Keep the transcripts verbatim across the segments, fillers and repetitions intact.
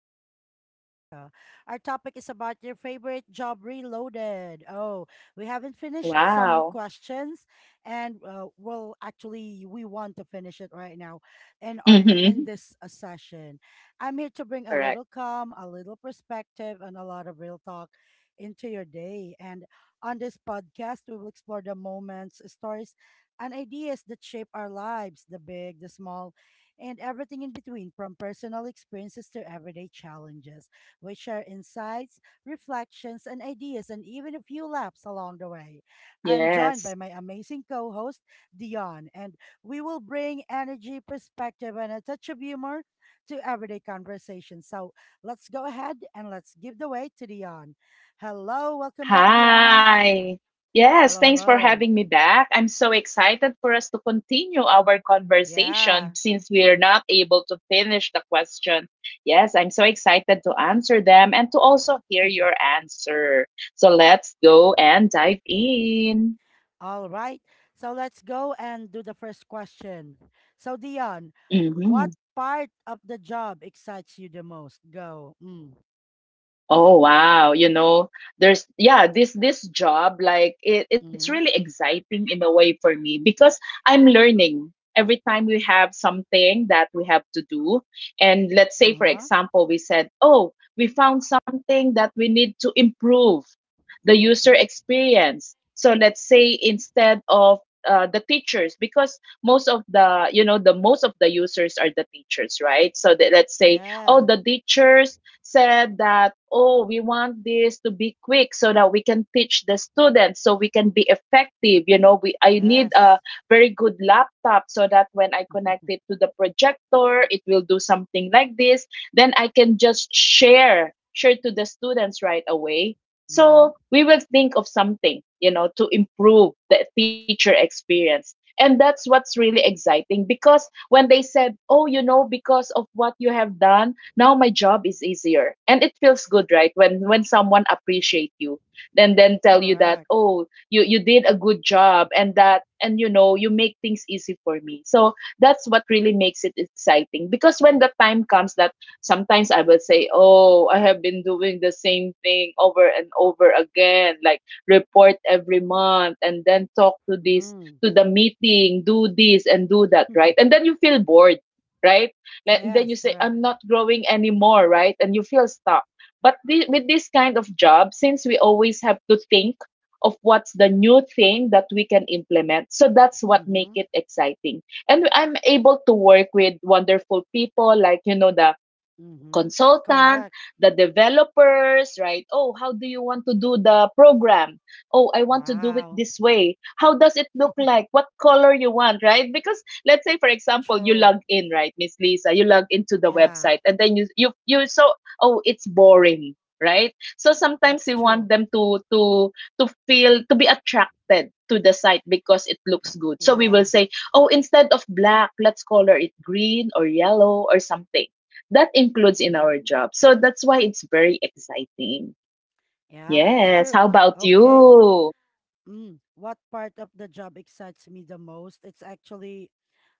Reflections with Lisa. Our topic is about your favorite job reloaded. Oh, we haven't finished some Wow. questions, and uh, well, actually, we want to finish it right now in our in Hmm. this uh, session. I'm here to bring a little Correct. calm, a little perspective, and a lot of real talk into your day. And on this podcast, we will explore the moments, stories, and ideas that shape our lives, the big, the small, and everything in between, from personal experiences to everyday challenges. We share insights, reflections, and ideas, and even a few laughs along the way. I'm joined by my Yes. amazing co host, Dion, and we will bring energy, perspective, and a touch of humor to everyday conversation. So let's go ahead and let's give the way to Dion. Hello, welcome back, Dion. Hi. Yes, Hello, thanks for hello. having me back. I'm so excited for us to continue our conversation Yeah. since we're not able to finish the question. Yes, I'm so excited to answer them and to also hear your answer. So let's go and dive in. All right. So let's go and do the first question. So, Dion, Hmm. what part of the job excites you the most? Go. Mm. Oh wow, you know, there's yeah, this this job like it, it's Mm-hmm. really exciting in a way for me because I'm learning every time we have something that we have to do. And let's say for Uh-huh. example, we said, "Oh, we found something that we need to improve the user Okay. experience." So let's say instead of uh, the teachers, because most of the you know the most of the users are the teachers, right? So th- let's say oh Yeah. the teachers said that, oh, we want this to be quick so that we can teach the students, so we can be effective. You know, we I need a Yes. very good laptop so that when I connect it to the projector, it will do something like this. Then I can just share, share to the students right away. Mm-hmm. So we will think of something, you know, to improve the teacher experience. And that's what's really exciting, because when they said, oh, you know, because of what you have done, now my job is easier. And it feels good, right, when when someone appreciate you and then tell you that Correct. oh you you did a good job, and that, and you know, you make things easy for me. So that's what really makes it exciting. Because when the time comes that sometimes I will say oh I have been doing the same thing over and over again, like report every month and then talk to this Mm. to the meeting, do this and do that, right? And then you feel bored, right? Le- then you Yes, say correct. I'm not growing anymore, right? And you feel stuck. But thi- with this kind of job, since we always have to think of what's the new thing that we can implement, so that's what make Mm-hmm. it exciting. And I'm able to work with wonderful people like, you know, the Mm-hmm. consultant, Correct. the developers, right? Oh, how do you want to do the program? Oh, I want to do it Wow. this way. How does it look like? What color you want, right? Because let's say for example, you True. log in, right, Miss Lisa, you log into the Yeah, website and then you you you so oh, it's boring, right? So sometimes that's we want true. them to to to feel to be attracted to the site because it looks good. So we will Yeah. say, "Oh, instead of black, let's color it green or yellow or something." That includes in our Mm-hmm. job. So that's why it's very exciting. Yeah, that's Yes. true. How about Okay. you? Mm, what part of the job excites me the most? It's actually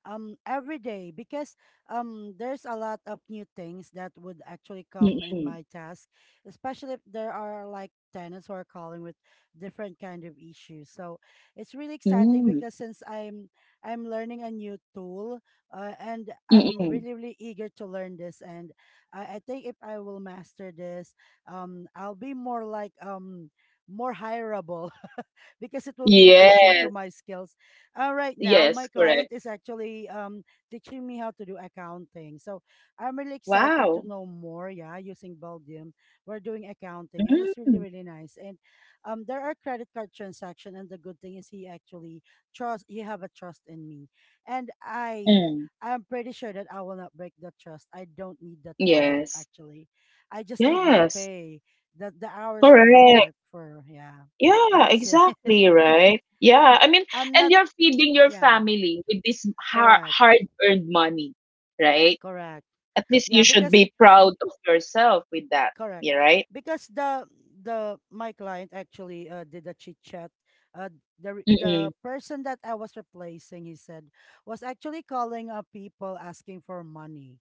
um every day because um there's a lot of new things that would actually come in Mm-mm. my task, especially if there are like tenants who are calling with different kind of issues. So it's really exciting Mm. because since I'm I'm learning a new tool, uh, and I'm Mm-mm. really really eager to learn this, and I, I think if I will master this, um I'll be more like um more hireable. Because it will be addition to Yes. my skills. Uh, right now, Yes, my correct. client is actually um, teaching me how to do accounting. So I'm really excited to Wow. know more. Yeah, using Belgium, we're doing accounting, and it's really Mm. really nice. And um, there are credit card transaction, and the good thing is he actually trust. He have a trust in me, and I Mm. I'm pretty sure that I will not break that trust. I don't need that card Yes. actually. I just need my Yes. pay, the the hours that I Correct. work for. Yeah, Yeah, that's it. exactly, right? Yeah. I mean, I'm And not. you're feeding your Yeah, family with this har correct, hard-earned money, right? correct. At least Yeah, you should because, be proud of yourself with that, correct. yeah, right? Because the the my client actually uh, did a chit chat. Uh, the re- the Mm-mm. person that I was replacing, he said, was actually calling up people asking for money.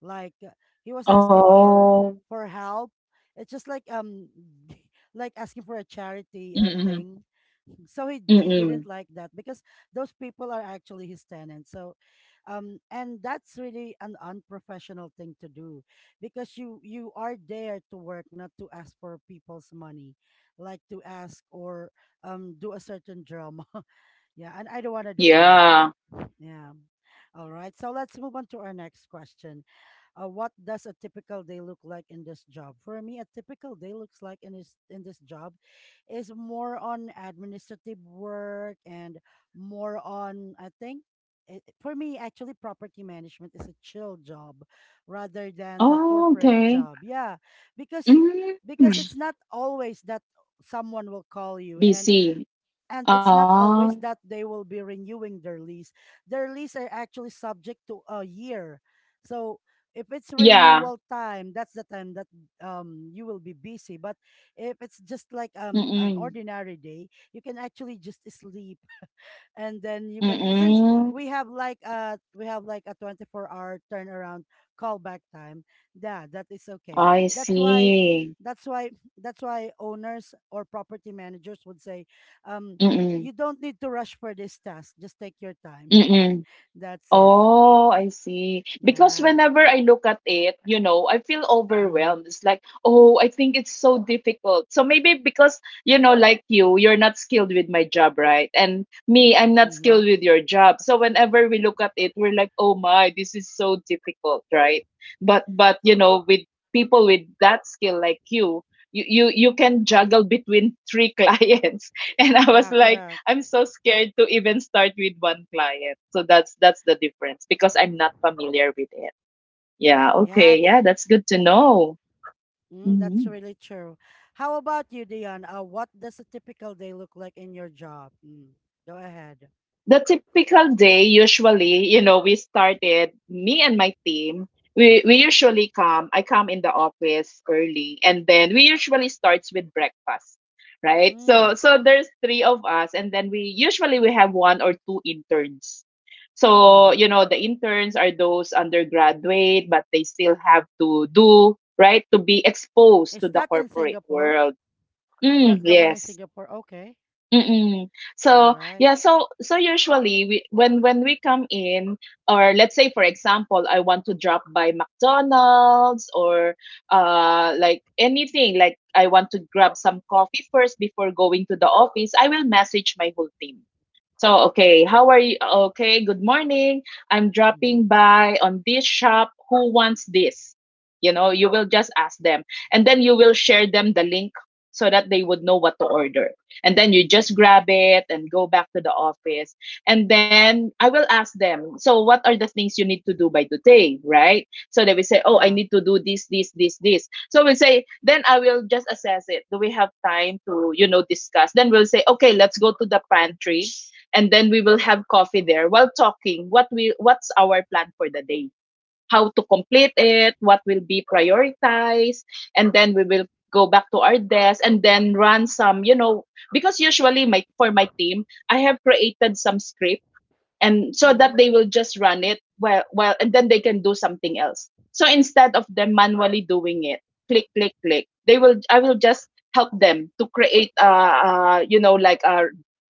Like uh, he was asking for Oh, for help. It's just like um like asking for a charity uh, mm-mm, thing. So he he didn't mm-mm. like that because those people are actually his tenants. So, um, and that's really an unprofessional thing to do because you you are there to work, not to ask for people's money, like to ask or um do a certain drama. Yeah, and I don't want to do that. Yeah. Yeah. All right. So let's move on to our next question. Uh, what does a typical day look like in this job? For me, a typical day looks like in this in this job is more on administrative work and more on, I think, it, for me actually property management is a chill job rather than the Oh, corporate okay. job. Yeah, because Mm, because it's not always that someone will call you and B C. and it's not Ah, always that they will be renewing their lease. Their lease are actually subject to a year. So if it's yeah. renewal time, that's the time that um you will be busy. But if it's just like um an Mm-mm, ordinary day, you can actually just sleep and then you can, since mm-mm. we have like uh we have like a twenty-four hour turnaround callback time, yeah, that is okay. I that's why see. that's why that's why owners or property managers would say um Mm-mm, you don't need to rush for this task, just take your time. mm-mm. That's it. Oh, I see. Because Yeah. whenever I look at it, you know, I feel Mm-hmm. overwhelmed. It's like, oh, I think it's so difficult. So maybe because, you know, like you, you're not skilled with my job, right? And me, I'm not skilled Mm-hmm. with your job. So whenever we look at it, we're like, oh my, this is so difficult, right? But but you know, with people with that skill like you, you you you can juggle between three clients. And I was Yeah, like, correct. I'm so scared to even start with one client. So that's that's the difference because I'm not familiar with it. Yeah, Yeah. okay. th- Yeah, that's good to know. mm, that's Mhm. really true. How about you, Dion? Uh what does a typical day look like in your job? Mm, go ahead. The typical day, usually, you know, we started, me and my team, we we usually come, I come in the office early, and then we usually starts with breakfast, right? Mm, So so there's three of us, and then we usually we have one or two interns. So mm-hmm. you know, the interns are those undergraduate but they still have to do, right, to be exposed to Is the that in corporate Singapore? world. Mm, That the one in yes. Singapore. Okay. Mm-mm. All So right. yeah, so so usually we, when when we come in, or let's say for example, I want to drop by McDonald's or uh like anything, like I want to grab some coffee first before going to the office, I will message my whole team. So, okay, how are you? Okay, good morning. I'm Mm-hmm. dropping by on this shop. Who wants this? You know, you will just ask them, and then you will share them the link so that they would know what to order, and then you just grab it and go back to the office. And then I will ask them, so what are the things you need to do by today, right? So they will say oh Yeah. I need to do this this this this, so we'll say, then I will just assess it. Do we have time to, you know, discuss? Then we'll say okay, let's go to the pantry, and then we will have coffee there while talking what we what's our plan for the day, how to complete it, what will be prioritized. And then we will go back to our desk and then run some, you know, because usually my for my team, I have created some script and so that Mm-hmm. they will just run it well well, and then they can do something else. So instead of them manually doing it, click click click, they will I will just help them to create uh, uh you know, like a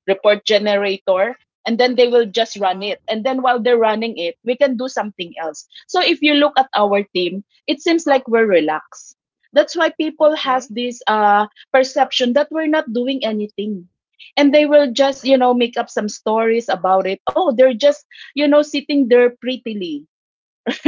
report generator, and then they will just run Uh-huh. it. And then while they're running it, we can do something else. So if you look at our team, it seems like we're relaxed. That's why people has Okay. this uh perception that we're not doing anything. And they will just, you know, make up some stories about it, oh they're just, you know, sitting there prettily,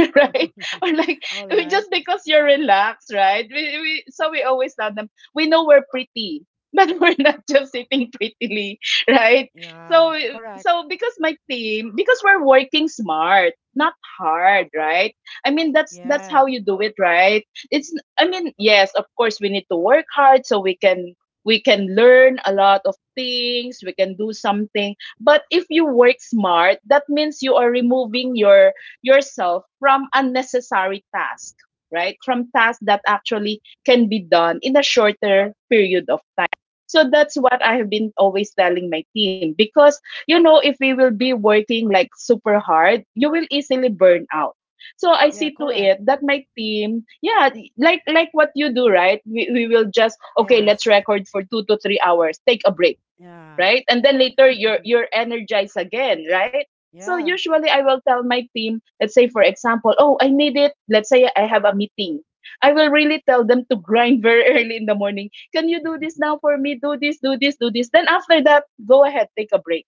right? Or like All we- right. just because you're relaxed, right? We, we So we always tell them, we know we're pretty, but we're not just sitting prettily, right? Yeah. So Correct. so because my team, because we're working smart, not hard, right? I mean that's that's Yeah. how you do it, right? It's, I mean, yes, of course we need to work hard so we can, we can learn a lot of things, we can do something. But if you work smart, that means you are removing your yourself from unnecessary tasks, right? From tasks that actually can be done in a shorter period of time. So that's what I have been always telling my team. Because you know, if we will be working like super hard, you will easily burn out. So I Yeah, see to correct. it that my team, yeah, like like what you do, right? We we will just, okay, let's Yes. record for two to three hours, take a break, Yeah. right? And then later you're you're energized again, right? So Yeah. usually I will tell my team, let's say for example, oh, I need it. Let's say I have a meeting. I will really tell them to grind very early in the morning. Can you do this now for me? Do this, do this, do this. Then after that, go ahead, take a break,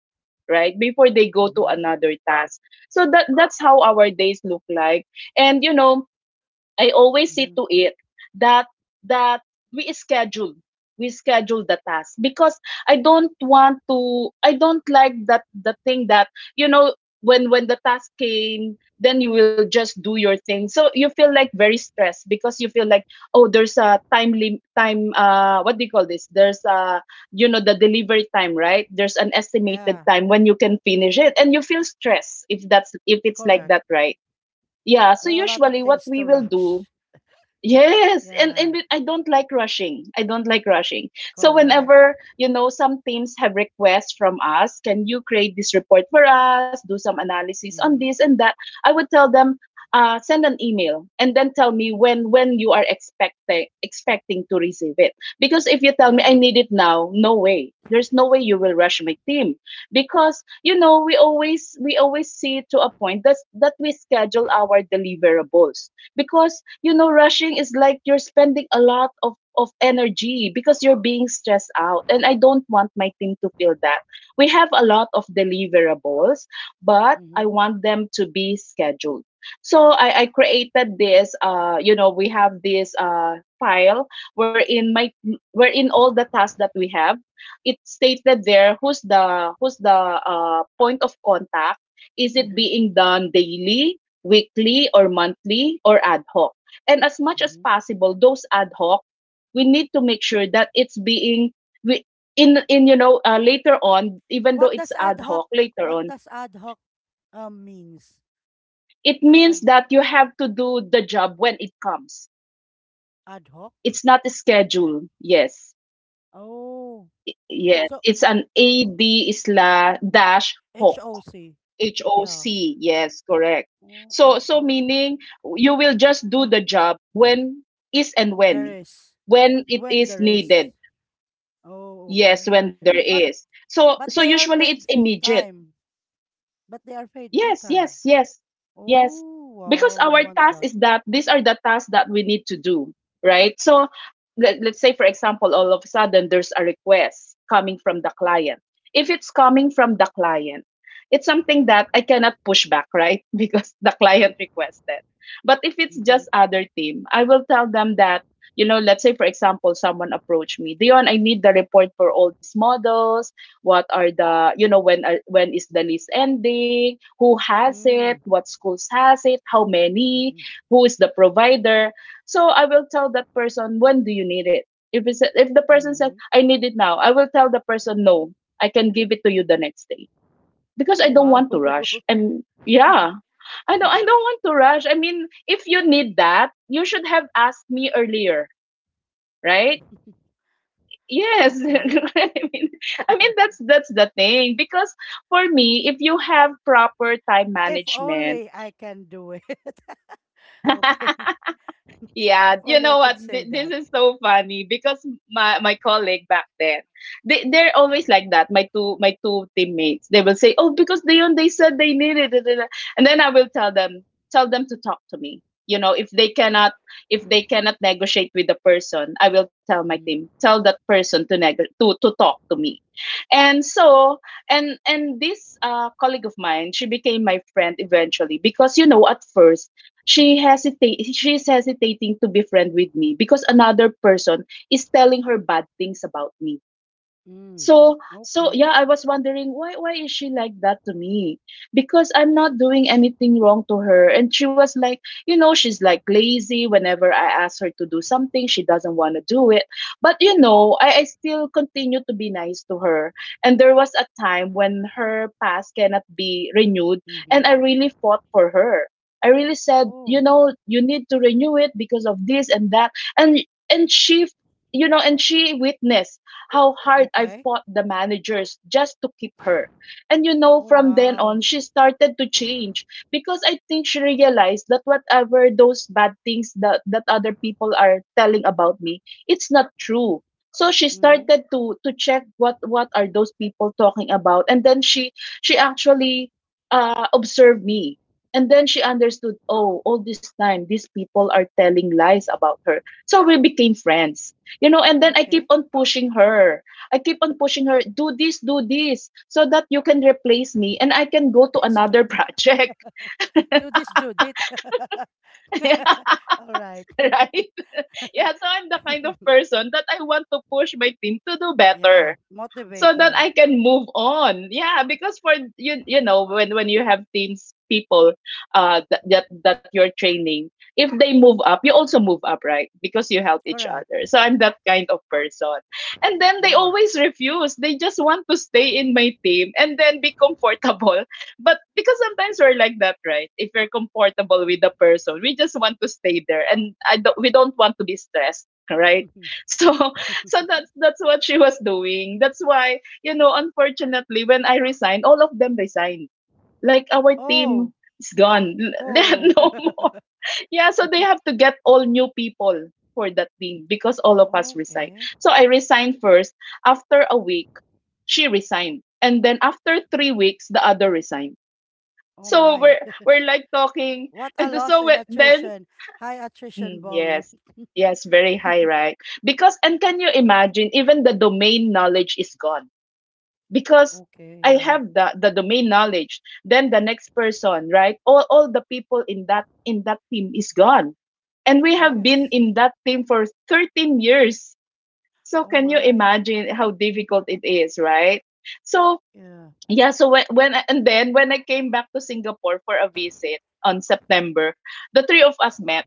right? Before they go to Mm-hmm. another task. So that that's how our days look like. And you know, I always see Mm-hmm. to it that that we schedule we schedule the task. Because I don't want to, I don't like that the thing that, you know, when when the task came, then you will just do your thing, so you feel like very stressed, because you feel like oh there's a time lim- time, uh, what do you call this, there's a, you know, the delivery time, right? There's an estimated Yeah. time when you can finish it, and you feel stressed if that's if it's like Correct. that, right? Yeah, so There are a usually lot what of we things will to do. rush. Yes, and and Yeah. with- I don't like rushing. I don't like rushing. So whenever, Correct. you know, some teams have requests from us, can you create this report for us, do some analysis on Mm-hmm. this and that, I would tell them, uh, send an email and then tell me when when you are expecting expecting to receive it. Because if you tell me I Yeah. need it now, no way. There's no way you will rush my team, because you know we always we always see to a point that that we schedule our deliverables. Because you know, rushing is like you're spending a lot of of energy, because you're being stressed out, and I don't want my team to feel that. We have a lot of deliverables, but I Mm-hmm. want them to be scheduled. So I, I created this uh you know we have this uh file wherein my wherein all the tasks that we have, it stated there who's the who's the uh point of contact, is it Mm-hmm. being done daily, weekly or monthly or ad hoc. And as much as Mm-hmm. possible, those ad hoc, we need to make sure that it's being we in in you know uh, later on, even though What it's does ad ad hoc hoc later what on, does ad hoc um means? it means Ad that you have to do the job when it comes. ad hoc? It's not scheduled. Yes, Oh. yes, So it's an ad slash dash hoc. H O C. Yeah. H O C, yes, correct. Oh, So ad so hoc. meaning you will just do the job when is and There when is. when it When is there needed. is. Oh, okay. Yes, when there But is. So but so they are usually it's paid full immediate. time. But they are paid full Yes, yes, time. yes, yes. Oh, Because wow. I our want task that. is that these are the tasks that we need to do, right? So let, let's say, for example, all of a sudden there's a request coming from the client. If it's coming from the client, it's something that I cannot push back, right? Because the client requested. But if it's just Mm-hmm. other team, I will tell them that, you know, let's say, for example, someone approached me, Dion, I need the report for all these models. What are the, you know, when are, when is the list ending, who has it, Mm. what schools has it, how many, Mm-hmm. who is the provider? So I will tell that person, when do you need it? If it's, if the person says Mm-hmm. I need it now, I will tell the person no, I can give it to you the next day because I Oh, don't wow. want to rush. And yeah, i don't i don't want to rush. I mean, if you need that, you should have asked me earlier, right? Yes, Okay. I mean, I mean that's that's the thing because for me, if you have proper time If management. only I can do it. Okay. Yeah, If you know only I what? could Th- say this that. is so funny because my my colleague back then, they they're always like that. My two my two teammates, they will say, "Oh, because they they said they needed it, da, da, da." And then I will tell them, tell them to talk to me. You know, if they cannot, if they cannot negotiate with the person, I will tell my team, Mhm. tell that person to neg to to talk to me. And so, and and this uh, colleague of mine, she became my friend eventually because, you know, at first she hesitate she's hesitating to be friend with me because another person is telling her bad things about me. Mm. So, so Okay. yeah, I was wondering, why why is she like that to me? Because I'm not doing anything wrong to her. And she was like, you know, she's like lazy. Whenever I ask her to do something, she doesn't want to do it. But you know, I, I still continue to be nice to her. And there was a time when her pass cannot be renewed, and I Mm-hmm. really fought for her. I really said, you Oh, know, you need to renew it because of this and that. And and she, you know, and she witnessed how hard I okay. fought the managers just to keep her. And you know, Oh, from then on, wow. she started to change because I think she realized that whatever those bad things that, that other people are telling about me, it's not true. So she Mm-hmm. started to to check what what are those people talking about, and then she she actually uh, observed Mm-hmm. me, and then she understood. Oh, all this time these people are telling lies about her. So we became friends, you know, and then I keep Okay. on pushing her. I keep on pushing her, do this, do this, so that you can replace me and I can go Do to this, another Judith. project. Do this, Judith. All right. Right? Yeah, so I'm the kind of person that I want to push my team to do Yeah. better, so Motivate. that Yeah. I can move on. Yeah, because for you, you know, when when you have teams, people uh that that, that you're training, if they move up, you also move up, right? Because you help each Correct. other. So I'm that kind of person. And then they Mm. always refuse. They just want to stay in my team and then be comfortable. But because sometimes we're like that, right? If we're comfortable with the person, we just want to stay there and I don't, we don't want to be stressed, right? So so that's that's what she was doing. That's why, you know, unfortunately, when I resigned, all of them resigned. Like our team Oh. is gone. They have Oh. no more. Yeah, so they have to get all new people for that team because all of us resigned. Okay. So I resigned first. After a week, she resigned. And then after three weeks, the other resigned. Oh, So my. we're we're like talking, What and a so loss in we- then attrition. High attrition Mm, volume. yes. Yes, very high, right? Because, and can you imagine, even the domain knowledge is gone. Because Okay. I Yeah. have the, the domain knowledge, then the next person, right? All all the people in that in that team is gone. And we have been Yes. in that team for thirteen years. So Oh, can you my. imagine how difficult it is, right? So Yeah. yeah, so when, when I- and then when I came back to Singapore for a visit on September, the three of us met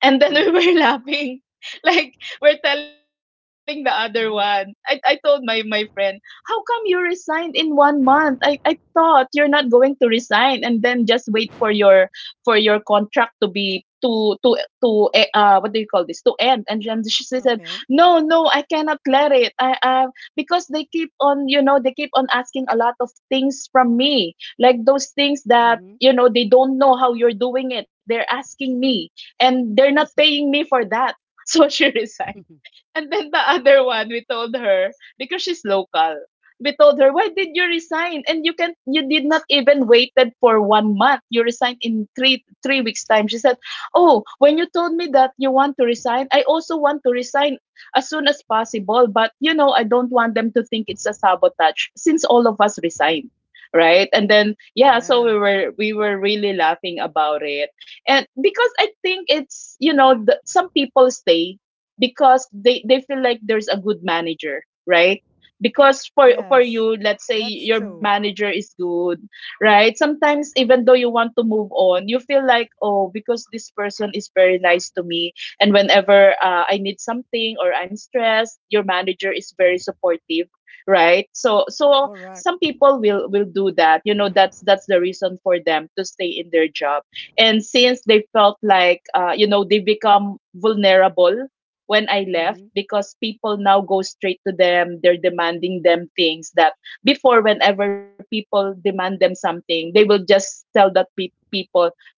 and then we Mm, were laughing. Like we're telling the other one. I, I mm-hmm. told my, my friend, how come you resigned in one month? I, I thought you're not going to resign and then just wait for your for your contract to be to to to eh, uh what do you call this, to end. And then she said, Okay. no, no, I cannot let it, I uh because they keep on, you know, they keep on asking a lot of things from me, like those things that, Mm-hmm. you know, they don't know how you're doing it, they're asking me, and they're not paying me for that. So she resigned. And then the other one, we told her because she's local. We told her, "Why did you resign? And you can you did not even waited for one month. You resigned in three three weeks time." She said, "Oh, when you told me that you want to resign, I also want to resign as soon as possible. But you know, I don't want them to think it's a sabotage since all of us resigned." Right. And then yeah, so we Yeah. were we were really laughing about it. And because I think it's, you know, the, some people stay because they they feel like there's a good manager, right? Because for for Yes. you, let's say That's your true. manager is good, right? Sometimes even though you want to move on, you feel like, oh, because this person is very nice to me, and whenever uh, I need something or I'm stressed, your manager is very supportive, right? So so Correct. some people will will do that, you know, that's that's the reason for them to stay in their job. And since they felt like uh, you know, they become vulnerable when I left, Mm-hmm. because people now go straight to them. They're demanding them things that before, whenever people demand them something, they will just tell that pe- people,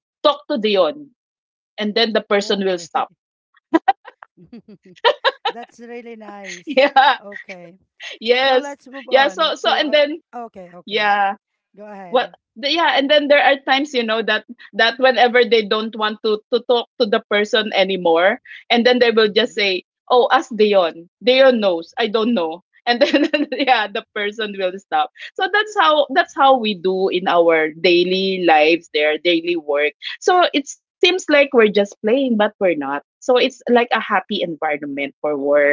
talk to Dion, and then the person will Okay. stop. That's really Yeah, nice. Okay. yes, So let's yeah. move So so on and to, then uh, okay, yeah, okay. Go Well, ahead. th- yeah, and then there are times, you know, that that whenever they don't want to to talk to the person anymore, and then they will just Mm-hmm. say, "Oh, ask Dion. Dion knows. I don't know." And then yeah, the person will stop. So that's how that's how we do in our daily lives, their daily work. So it seems like we're just playing, but we're not. So it's like a happy environment for work.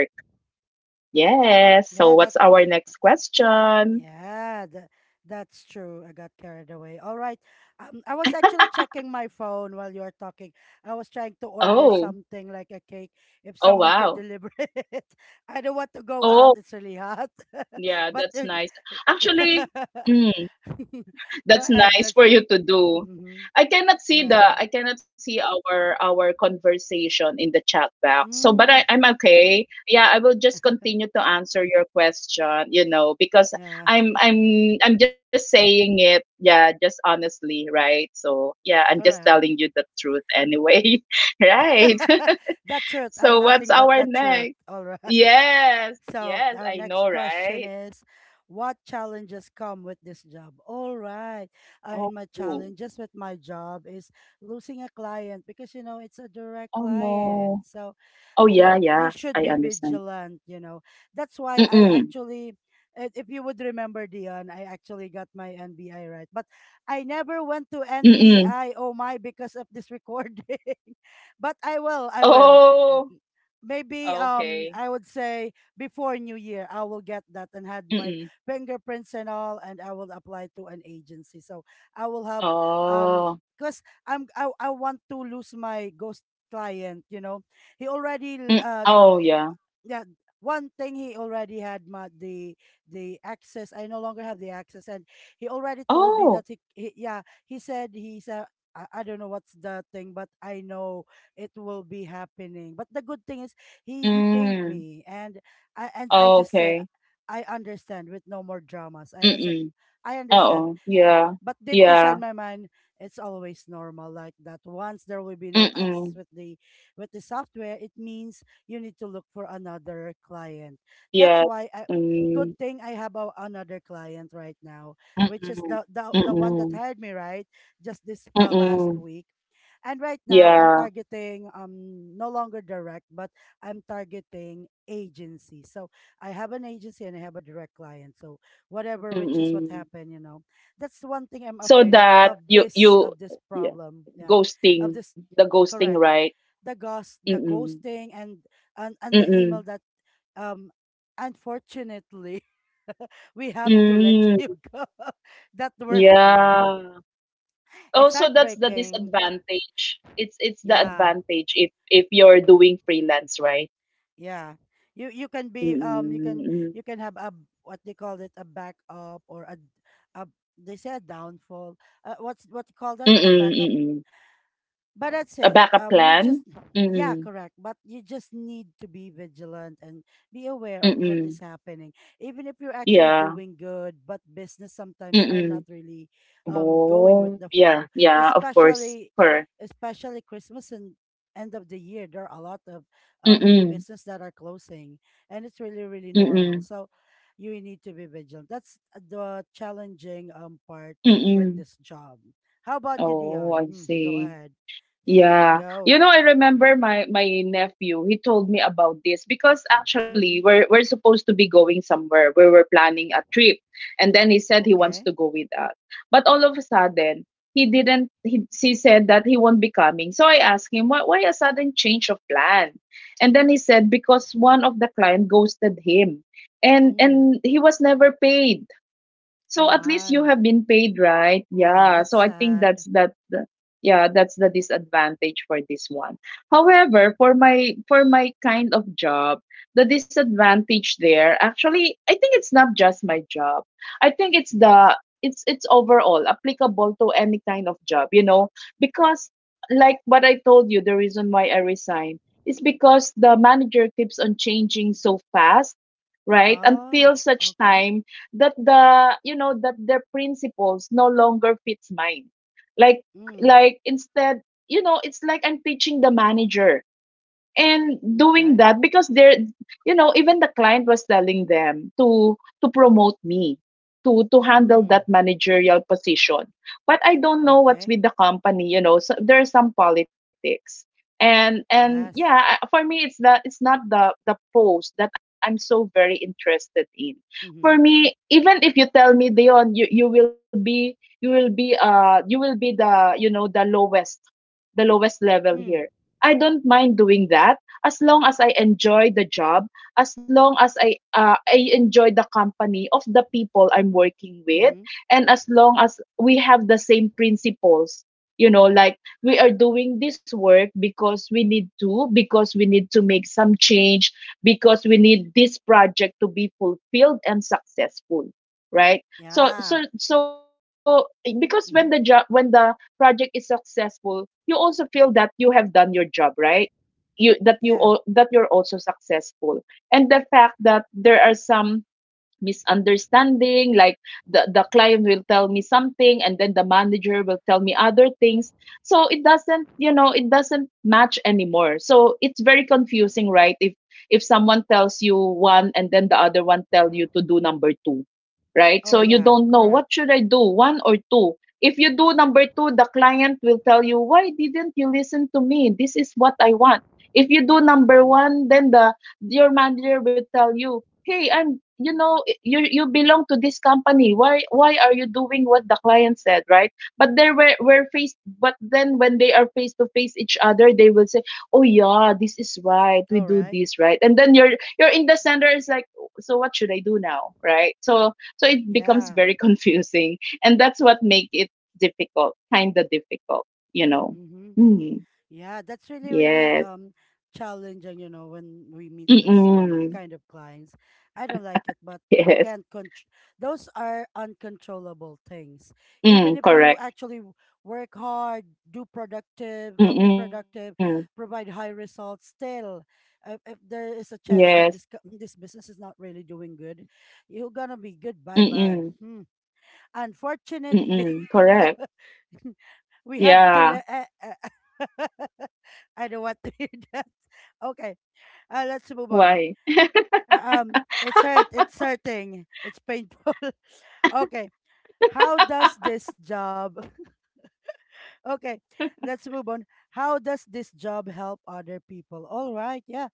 Yes. So Yeah, what's that's our next question? Yeah, that, that's true. I got carried away. All right. Um, I was actually checking my phone while you were talking. I was trying to order Oh, something like a cake. If oh someone could wow. deliver it, I don't want to go out. It's Oh, really hot. yeah, But that's okay. nice. Actually, mm, Go that's ahead. nice Let's. for you to do. Mm-hmm. I cannot see Yeah. the, I cannot see our our conversation in the chat box. So, but I, Mm. I'm okay. Yeah, I will just continue to answer your question, you know, because Yeah. I'm I'm I'm just saying it, yeah, just honestly, right? So, yeah, I'm just telling Correct. you the truth anyway. Right. That truth So, and what's nothing but our that truth. next? All right. Yes, So yes, our I next know, question right? is, what challenges come with this job? All right. Uh, and my Oh, challenges with my job is losing a client because you know it's a direct oh client. no. So Oh the yeah, you yeah. should I be understand. vigilant, you know. That's why I Mm-mm. actually i- if you would remember Dion, I actually got my N B I right. But I never went to Mm-mm. N B I, oh my, because of this recording. But I will, I will Oh, maybe um I okay. would say before New Year, I will get that and had my Mm-mm. fingerprints and all, and I will apply to an agency. So I will have um, Oh. cause I'm I I want to lose my ghost client. You know, he already Mm. uh Oh yeah. yeah, one thing he already had my, the the access. I no longer have the access and he already told me Oh. that he, he yeah he said he's a. I, I don't know what's the thing but I know it will be happening, but the good thing is he he paid Mm. me, and I, and i Oh, just say okay. I understand with no more dramas. I, I say Mm-mm. I understand. Uh-oh. Yeah. But deep Yeah. inside my mind it's always normal like that. Once there will be no access Mm-mm. with the with the software, it means you need to look for another client. That's Yes. why, I good Mm. thing I have a, another client right now, which is the, Mm-mm. the the one that Mm-mm. hired me, right, just this uh, last Mm-mm. week. And right now I'm Yeah. targeting um no longer direct, but I'm targeting agency. So I have an agency and I have a direct client. So whatever, which is what Mm-mm. happened, you know. That's the one thing I'm So afraid of that of you this you of this yeah, problem. Yeah, of ghosting, this. the ghosting, Correct, right? the ghost the Mm-mm. ghosting, and and and the Mm. email that, um unfortunately, we have to let you Mm. go, that were, oh my, Yeah. Oh, it's so that's the heartbreaking. disadvantage. It's it's the Yeah, advantage if if you're doing freelance, right? yeah, you you can be um you can Mm-mm. you can have a, what they call it, a backup, or a, a they say a downfall, uh, what's what you call Mm-mm. that, a Mm-mm. backup. mm-mm. But that's A it. backup Um, you just, plan? yeah, Mm-mm. correct. But you just need to be vigilant and be aware of what is Mm-mm. happening. Even if you're actually Yeah. doing good, but business sometimes are not Mm-mm. really um going with Oh, the yeah. flow. Yeah, of course. Especially, Correct. especially Christmas and end of the year, there are a lot of um Mm-mm. business that are closing, and it's really really normal. Mm-mm. So you need to be vigilant. That's the challenging um part with Mm-mm. this job. How about you, Oh, Dion? I Mm, go see. ahead. Yeah. Go. You know, I remember my my nephew. He told me about this because actually Mm-hmm. we're we're supposed to be going somewhere. We were planning a trip. And then he said he wants Okay. to go with us. But all of a sudden, he didn't he, he said that he won't be coming. So I asked him, why, why a sudden change of plan? And then he said because one of the client ghosted him. And Mm. and he was never paid. Oh So at least you my. have been paid, right? Yeah, Yeah. that's So I think that's sad. that the- yeah, that's the disadvantage for this one. However, for my for my kind of job, the disadvantage there actually, I think it's not just my job. I think it's Mm-hmm. the it's it's overall applicable to any kind of job, you know, because like what I told you, the reason why I resigned is because the manager keeps on changing so fast, right? Oh, Until such okay. time that the you know that their principles no longer fits mine. like Mm. Like instead, you know, it's like I'm teaching the manager and doing Okay. that because they're you know, even the client was telling them to to promote me to to handle Mm. that managerial position, but I don't know what's Okay. with the company, you know, so there's some politics. And and Yes. yeah, I- for me, it's that it's not the the post that I'm so very interested in. For Mm-hmm. me, even if you tell me, "Dion, you you will be, you will be uh you will be the, you know, the lowest, the lowest level Mm. here," I don't mind doing that, as long as I enjoy the job, as long as I uh, I enjoy the company of the people I'm working with, Mm-hmm. and as long as we have the same principles. You know, like we are doing this work because we need to, because we need to make some change, because we need this project to be fulfilled and successful, right? So, Yeah. so, so, because when the job, Mm-hmm. when the project is successful, you also feel that you have done your job, right? you that you Yeah. al- That you're also successful. And the fact that there are some misunderstanding, like the, the client will tell me something and then the manager will tell me other things, so it doesn't, you know, it doesn't match anymore. So it's very confusing, right? If if someone tells you one and then the other one tell you to do number two, right? Oh So you yeah, don't know, what correct. should I do, one or two? If you do number two, the client will tell you, "Why didn't you listen to me? This is what I want." If you do number Mm-hmm. one, then the your manager will tell you, "Hey, I'm you know, i- you, you belong to this company. Why why are you doing what the client said, right?" But they were were faced. But then when they are face to face each other, they will say, "Oh yeah, this is right. We All do right. this right." And then you're you're in the center, is like, "Oh, so what should I do now, right?" So so it becomes Yeah. very confusing, and that's what make it difficult, kind of difficult, you know. Mm-hmm. Mm, Yeah, that's really, really yes. um challenging, you know, when we meet those um Mm-mm. kind of clients. I don't like it, but we Yes. can't con. Those are uncontrollable things. Even Mm, if you correct. actually w- work hard, do productive, uh, be Mm-mm. productive, provide high results, still, uh, if there is a chance that Yes. this co- this business is not really doing good, you're gonna be good. Bye bye. Mm-mm. Hmm. Unfortunately, Mm-mm. Correct. we have to let. Yeah. Uh, uh, I don't want to hear that. Okay, uh, let's move on. Why? Um, it's hurt. It's hurting. It's painful. Okay. How does this job? Okay, let's move on. How does this job help other people? All right, yeah.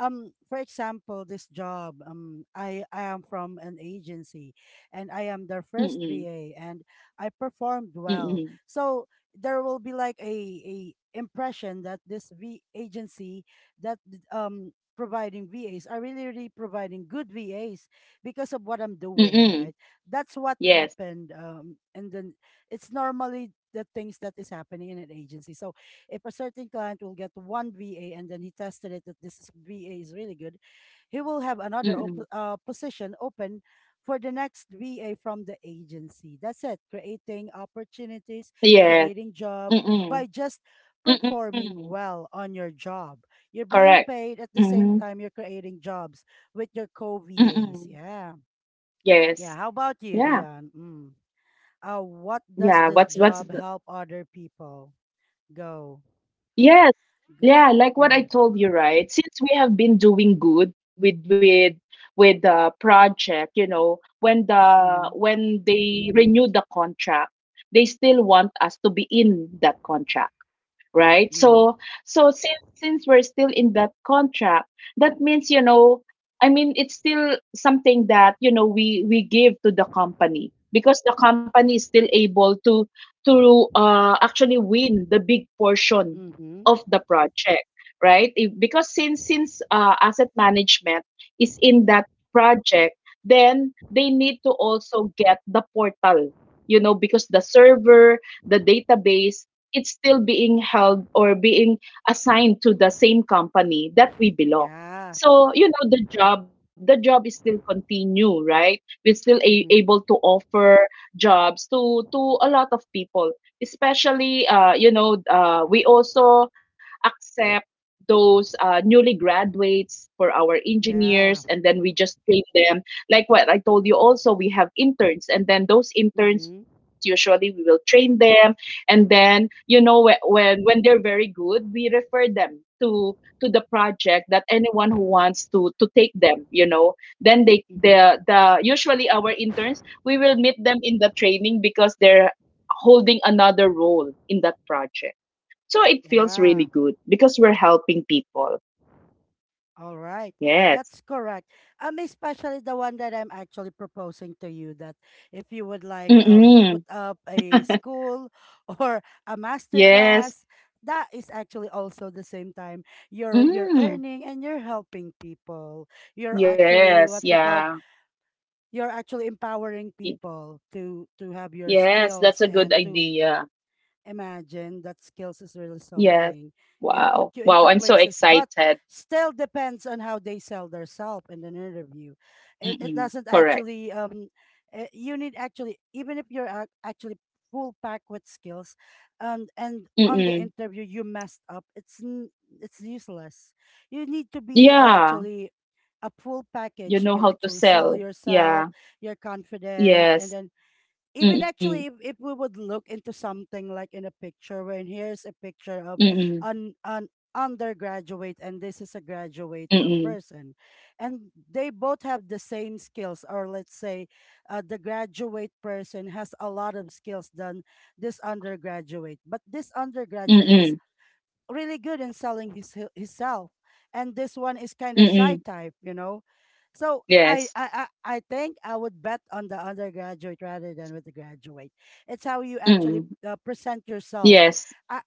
um For example, this job, um i i am from an agency, and I am their first Mm-mm. va and I performed well, Mm-mm. so there will be like a a impression that this v agency, that th- um providing vas are really really providing good vas because of what I'm doing, right? Mm-mm. That's what Yes. happened, um and then it's normally the things that is happening in an agency, so if a certain client will get one V A and then he tested it that this V A is really good, he will have another op- Mm-mm. uh, position open for the next V A from the agency. That's it. Creating opportunities, Yes. creating job by Mm-mm. just Mm-mm. performing well on your job. You're being Correct. paid at the Mm-hmm. same time you're creating jobs with your co-V As. Mm-mm. Yeah. Yeah, Yes. how about you, Yeah. Dion? Mm. Uh, what Yeah. does What's this what's job help other people? Go. Yes. G- Yeah, like what I mm-hmm. told you, right? Since we have been doing good with with with the project, you know, when the Mm-hmm. when they renew the contract, they still want us to be in that contract, right? Mm-hmm. So so since since we're still in that contract, that means, you know, I mean, it's still something that, you know, we we give to the company because the company is still able to to uh, actually win the big portion Mm-hmm. of the project, right? if, Because since since uh, asset management is in that project, then they need to also get the portal, you know, because the server, the database, it's still being held or being assigned to the same company that we belong. Yeah. So you know, the job the job is still continue, right? We're still a- Mm-hmm. able to offer jobs to to a lot of people, especially uh you know, uh we also accept those uh, newly graduates for our Yeah. engineers, and then we just train them. Like what I told you also, we have interns, and then those interns Mm-hmm. usually we will train them. And then, you know, when when, when they're very good, we refer them to to the project, that anyone who wants to to take them, you know. Then they, Mm-hmm. the the usually our interns, we will meet them in the training because they're holding another role in that project. So it feels really Yeah, good because we're helping people. all right. Yes. That's correct. Um, especially the one that I'm actually proposing to you, that if you would like um Mm. put up a school or a master Yes. class, that is actually also the same time you're you're Mm. earning and you're helping people. You're actually Yes. what you called, Yeah. you're actually empowering Y- people to to have your Yes. That's skills a good and to idea. imagine that skills is really Yes. something. It put Wow. you Wow, into I'm so places, but excited. still depends on how they sell themselves in an interview. It it Mm-mm. doesn't Correct. actually, um, uh, you need actually, even if you're ac- actually full pack with skills, and and on the Mm-mm. interview you messed up. It's n- it's useless. You need to be uh, Yeah. actually a full You package. You know can how to actually sell sell. yourself. Yeah. You're confident, and Yes. then even Mm-mm. actually if, if we would look into something like in a picture, when here's a picture of Mm-mm. an an undergraduate and this is a graduate um, Mm-mm. person, and they both have the same skills, or let's say uh, the graduate person has a lot of skills than this undergraduate, but this undergraduate Mm-mm. is really good in selling his hel- himself, and this one is kind of shy Mm-mm. type, you know. So I, Yes. I I I think I would bet on the undergraduate rather than with the graduate. It's how you actually Mm-mm. uh, present yourself. Yes. I,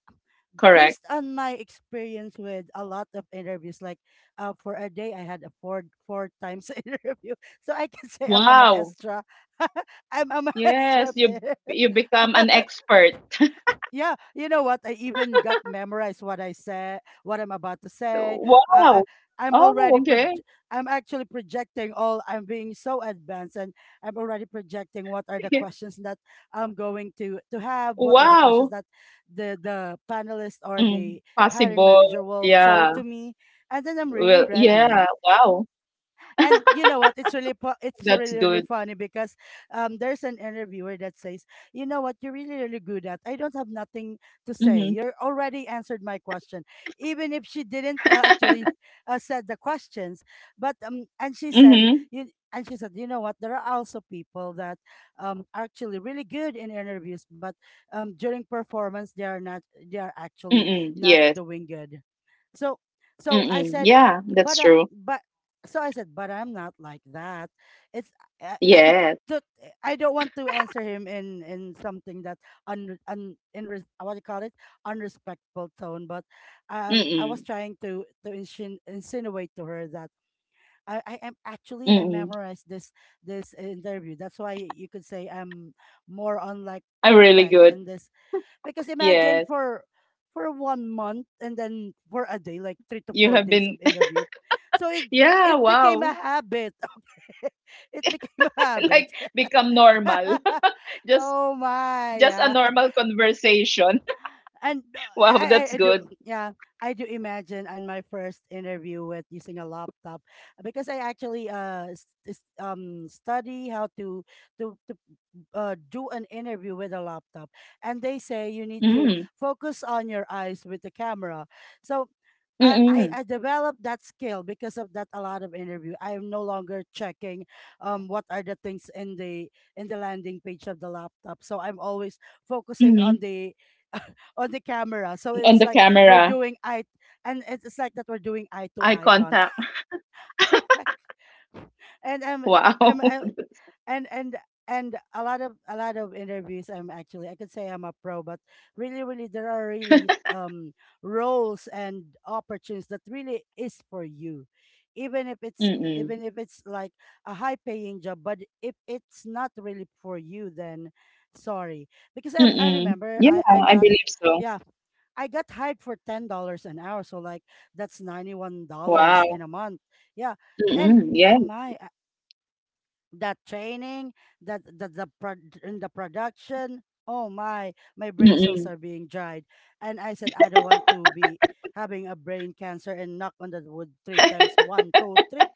Correct. Based on my experience with a lot of interviews, like uh, for a day I had a four four times interview, so I can say I'm a Wow. maestra. I'm a maestra of Yes, you it. b- you become an expert. Yeah, you know what? I even got memorized what I said, what I'm about to say. Uh, Wow. I, I'm already Oh, proj- okay. I'm actually projecting all. I'm being so advanced, and I'm already projecting what are the questions that I'm going to to have. What are the questions Wow. that the the panelist or the Mm. hiring manager Possible. will throw to Yeah. me, and then I'm really Well, ready. yeah. Wow. And you know what? It's really pu- it's That's really really good. funny because um there's an interviewer that says, "You know what? You're really really good at. I don't have nothing to say. You're Mm-hmm. already answered my question, even if she didn't uh, actually uh, said the questions. But um, and she said Mhm. you." And she said, "You know what? There are also people that um, are actually really good in interviews, but um, during performance, they are not. They are actually Mm-mm. not Yes. doing good, so so i Mm-mm. said Yeah, that's but I, true. but so I said, but I'm not like that. It's I, I, Yes. to, I don't want to answer him in in something that un, un in res- what do you call it, unrespectful tone, but um I was Mm-mm. trying to to insin- insinuate to her that I, I am actually, I Mm-mm. memorized this this interview. That's why you could say I'm more on like I'm really perfect good. in this, because imagine Yes. for for one month and then for a day, like three to You four have days been of interview. So it Yeah, it became wow. a habit. It became a Like habit. become normal. Just Oh just a my, normal yeah. conversation. Wow, And that's uh, I, good. I I do, yeah, I do imagine on my first interview with using a laptop, because I actually uh s- s- um study how to, to to uh, do an interview with a laptop, and they say you need to Mm. focus on your eyes with the camera, so I, I, Mm-mm. I developed that skill because of that a lot of interview. I am no longer checking um what are the things in the in the landing page of the laptop. So I'm always focusing Mm-mm. on the on the camera. So On it's the like we're camera, doing eye, and it's it's like that we're doing eye eye to eye contact. contact, correct? And I'm Wow. I'm I'm That's and and and a lot of a lot of interviews, I'm actually, I could say I'm a pro, but really really there are really um roles and opportunities that really is for you, even if it's Mm-mm. even if it's like a high paying job, but if it's not really for you, then sorry, because i i Mm-mm. remember, I I Yeah, I got believe so. yeah, I got hired for ten dollars an hour, so like that's ninety one dollars Wow. in a month. Yeah. And Mm-mm. oh Yes. my, that training, that that the pro- in the production. Oh my, my brain cells Mm-mm. are being dried, and I said I don't want to be having a brain cancer, and knock on the wood three times. One, two, three,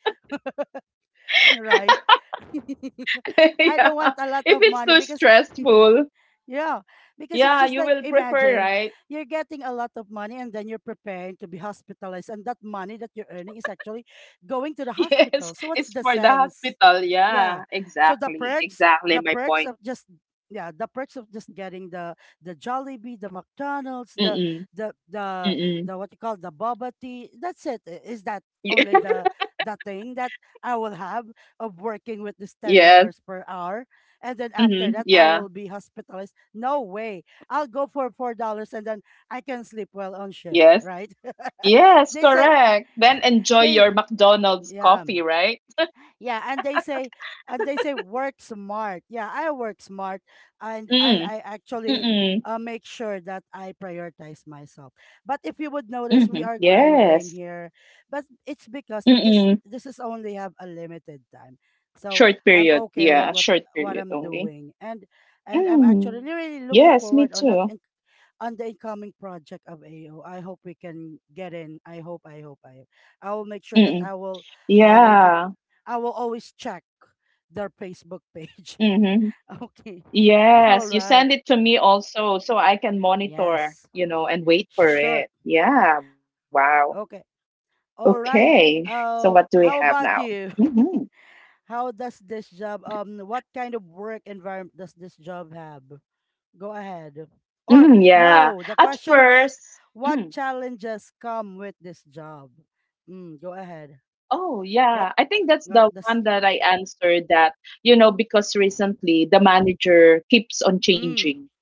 right? I Yeah, don't want a lot if of it's money, too because stressful, yeah, because it's yeah, just you like will prefer, imagine right? you're getting a lot of money and then you're preparing to be hospitalized, and that money that you're earning is actually going to the hospital. Yes, So what's it's the for the sense? hospital. Yeah. Yeah, So the exactly, perks, exactly the my perks point. of just yeah, the perks of just getting the the Jollibee, the McDonald's, the Mm-mm, the the mm-mm. the what you call the boba tea. That's it. I- Is that only the the thing that I will have of working with this ten Yes. dollars per hour? And then after Mm-hmm. that I Yeah. will be hospitalized? No way. I'll go for four dollars, and then I can sleep well on shift, Yes. right? Yes, they say correct. Then enjoy they your McDonald's yeah, coffee, right? yeah, and they say and they say work smart. Yeah, I work smart, and Mm. and I actually, Mm-mm. uh, make sure that I prioritize myself, but if you would notice we Mm-hmm. are grinding Yes. here, but it's because this Mm-mm. this is only have a limited time. So Short I'm period. okay with Yeah, what short what period I'm only. doing, and and I'm Mm, actually yes, me really looking too. forward on the in- on the incoming project of A O. I hope we can get in. I hope, I hope, I hope. I will make Mm-mm. sure that I will I will Yeah. be I will always check their Facebook page. Mm-hmm. Okay. All Yes, you right. send it to me also so I can monitor, Yes. you know, and wait for Sure. it. Yeah, wow. Okay. All right. Okay. So what do Uh, we have how now? about you? Mm-hmm. how does this job um what kind of work environment does this job have? Go ahead. Or Mm, yeah. no, the At question was, first, what mm, challenges come with this job? Mm, go ahead. oh What yeah, I think that's what the does one that I answered, that, you know, because recently the manager keeps on mm. changing,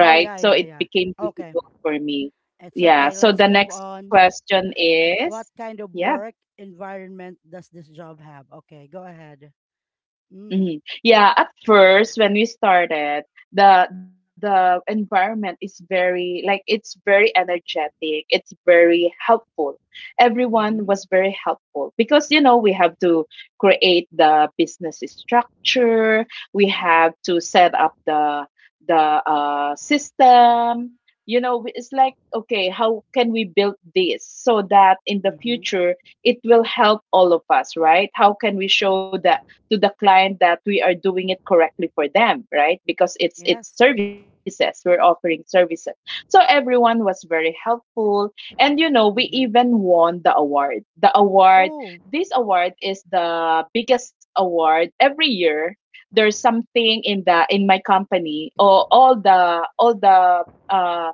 Oh yeah, So yeah, it yeah. became Okay. difficult for me. It's Yeah. okay. So Let's the move next on. question is, What kind of yeah. work environment does this job have? Okay, go ahead. Mm, Mhm. Yeah, at first when we started, the the environment is very, like, it's very energetic. It's very helpful. Everyone was mm-hmm, very helpful because, you know, we have to create the business structure. We have to set up the the uh, system. You know, we- it's like, okay, how can we build this so that in the mm-hmm. future it will help all of us, right? How can we show the to the client that we are doing it correctly for them, right? Because it's Yes. it's services, we're offering services. So everyone was very helpful. And you know, we Mm-hmm. even won the award, the award Oh, this award is the biggest award every year. There's something in the in my company or all the all the uh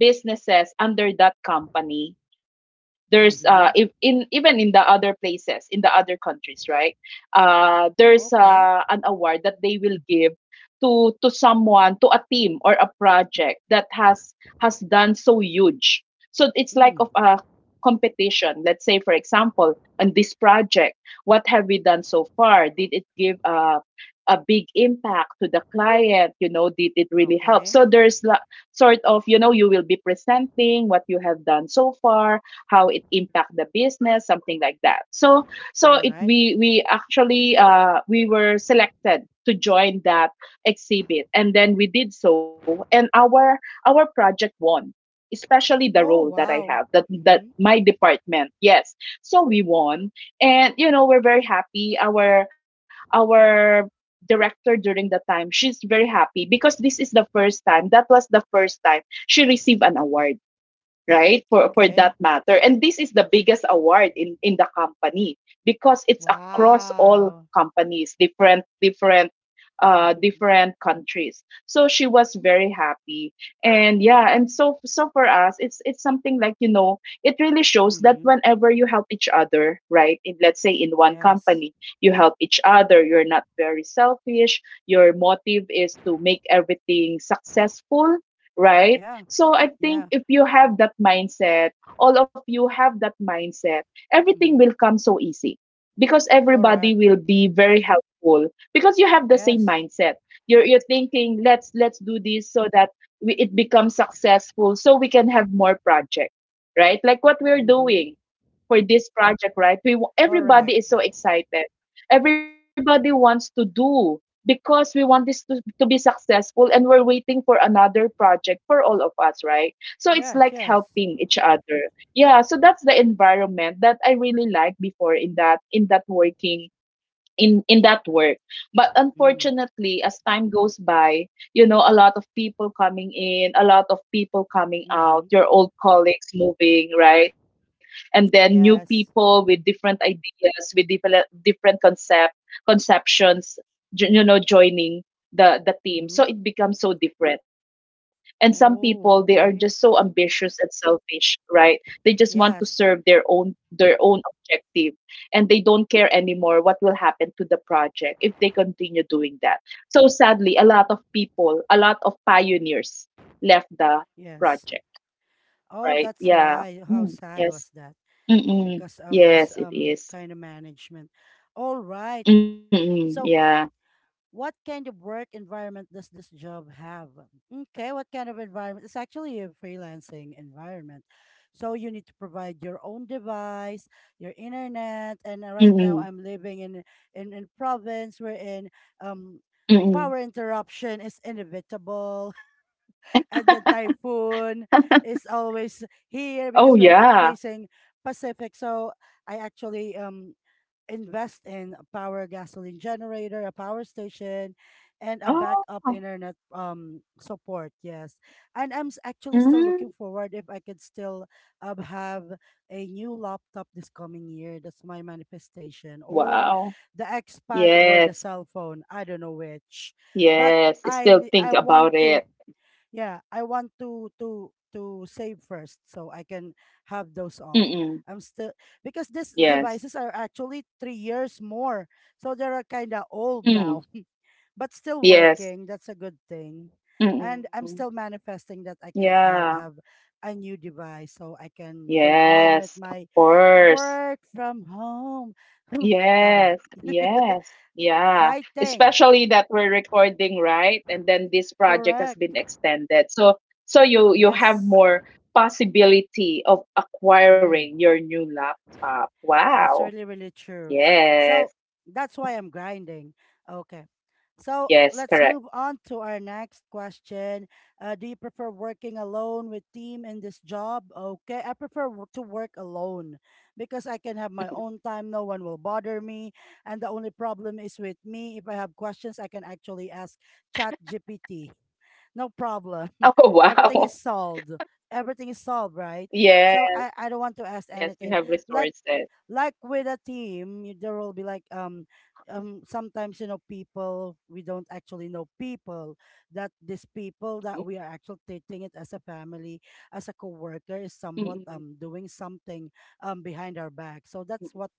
businesses under that company. There's uh if, mm-hmm. in even in the other places in the other countries, right? Uh there's Okay. uh, an award that they will give to to someone, to a team or a project that has has done so huge. So it's Mm. like of a competition. Let's say, for example, on this project, what have we done so far? Did it give a a big impact to the client? You know, did it really help? Okay. So there's la- sort of, you know, you will be presenting what you have done so far, how it impact the business, something like that. So so All it right. we we actually, uh we were selected to join that exhibit, and then we did so. And our our project won, especially the role Oh, that I have, wow. that that Mm-hmm. my department, yes. So we won, and you know, we're very happy. our our director during the time, she's very happy because this is the first time, that was the first time she received an award, right? for for Okay. that matter. And this is the biggest award in in the company, because it's across all Wow. companies, different, different, uh different countries. So she was very happy. And yeah, and so so for us, it's it's something like, you know, it really shows that Mm-hmm. whenever you help each other, right, in, let's say, in one Yes. company, you help each other, you're not very selfish, your motive is to make everything successful, right? Yeah. So I think Yeah. if you have that mindset, all of you have that mindset, everything Mm-hmm. will come so easy, because everybody Correct. will be very helpful, because you have the same Yes. mindset. You're you're thinking, let's let's do this so that we, it becomes successful, so we can have more project, right? Like what we're Mm-hmm. doing for this project, right? We wa- Correct. Everybody is so excited. Everybody wants to do because we want this to, to be successful and we're waiting for another project for all of us, right? So it's like Yes, yes. helping each other. Yeah, so that's the environment that I really liked before in that in that working in in that work, but Mm. unfortunately as time goes by, you know, a lot of people coming in, a lot of people coming out, Mm-hmm. your old colleagues moving, right? And then new people Yes. with different ideas, with different different concept, conceptions, jo- you know joining the the team, Mm-hmm. so it becomes so different. And some people, they are Oh, just so okay. ambitious and selfish, right? They just want to serve their Yes, own their own objective, and they don't care anymore what will happen to the project if they continue doing that. So sadly, a lot of people, a lot of pioneers left the yes. project, Oh, right? that's Yeah. why. How Mm, sad was yes. that? Mm-mm. Because of this Yes, it um is. kind of management. All right. Mm-mm. So, Yeah. what kind of work environment does this job have? Okay, what kind of environment? It's actually a freelancing environment. So you need to provide your own device, your internet, and uh, right now Mm-mm. I'm living in in in province wherein um power Mm-mm. interruption is inevitable. And then typhoon is always Oh, here yeah. because we are facing Pacific. So I actually um invest in a power gasoline generator, a power station, and a Oh. backup internet um support. Yes, and I'm s- actually still Mm. looking forward if I could still um, have a new laptop this coming year. That's my manifestation, or Wow. the Xpad or the Yes. cell phone. I don't know which, but Yes. I Still I think want about to it. yeah, I want to to to save first so I can have those all. Mm-mm. I'm still, because these Yes. devices are actually three years more, so they're kind of old now, Mm. but still working. Yes. That's a good thing, and I'm Mm-mm. still manifesting that I could have, Yeah. have a new device so I can go on with Yes, of my course. work from home. Taba. Yes, yes, yeah. Fighting, Especially that we're recording, right? And then this project has correct? been extended. So so you you have Yes. more possibility of Mm. acquiring your new laptop. That's Wow. really, really true. Yes. So that's why I'm grinding. Okay. So Yes, let's correct. move on to our next question. Uh, do you prefer working alone with team in this job? Okay, I prefer w- to work alone because I can have Mhm. my own time. No one will bother me, and the only problem is with me. If I have questions, I can actually ask Chat G P T. No problem. Oh, Everything wow. is solved. Everything is solved, right? So Yes. I, I don't want to ask Yes, you anything have like resources. like with a team, y- there will be like um um sometimes you know people we don't actually know people that these people that Mm, we are actually treating it as a family as a coworker is somewhat mm, um doing something um behind our back. So that's mm, what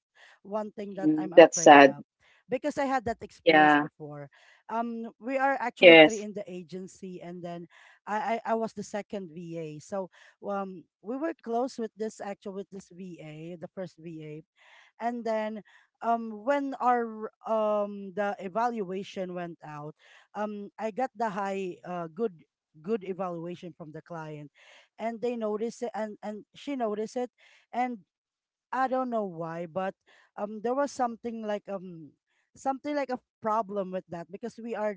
one thing that mm, I'm mm. That's afraid of sad. because I had that experience Yeah. before. Um, we are actually three in the Yes. agency, and then I I, I was the second V A, so um we were close with this actual with this V A, the first V A. And then um when our um the evaluation went out, um I got the high uh good good evaluation from the client, and they noticed it, and and she noticed it, and I don't know why, but um, there was something like um, something like a problem with that because we are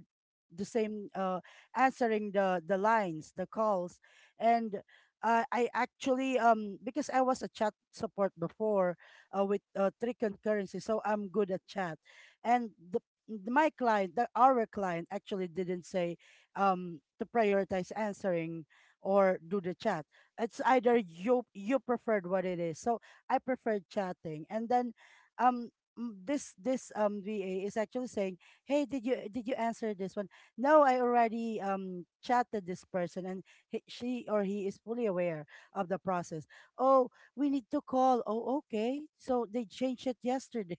the same uh answering the the lines, the calls, and uh, I actually um because I was a chat support before, uh, with uh, three concurrency, so I'm good at chat, and the my client, the our client actually didn't say um to prioritize answering or do the chat. It's either you you preferred what it is. So I prefer chatting. And then um m- this this um V A is actually saying, "Hey, did you did you answer this one?" No, I already um chatted this person, and he, she or he is fully aware of the process. Oh, we need to call. Oh, okay. So they changed it yesterday.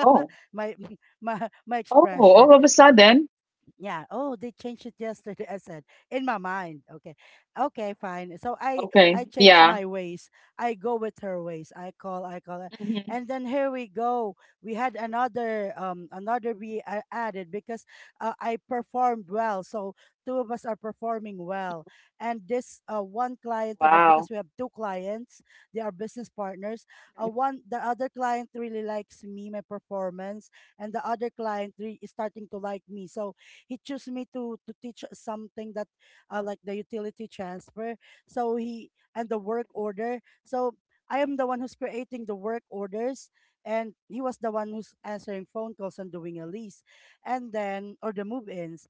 Oh. My my my Oh, expression. all of a sudden. Yeah. Oh, they changed it yesterday. I said in my mind. Okay. Okay, fine. So I Okay. I changed Yeah. my ways. I go with her ways. I call. I call her. Hmm. And then here we go. We had another um another we uh, added because uh, I performed well. So two of us are performing well. And this uh one client of us because we have two Wow. clients. They are business partners. Uh, one The other client really likes me my performance, and the other client re- is starting to like me. So he chose me to to teach something that uh, like the utility transfer, so he and the work order. So I am the one who's creating the work orders, and he was the one who's answering phone calls and doing a lease and then or the move-ins.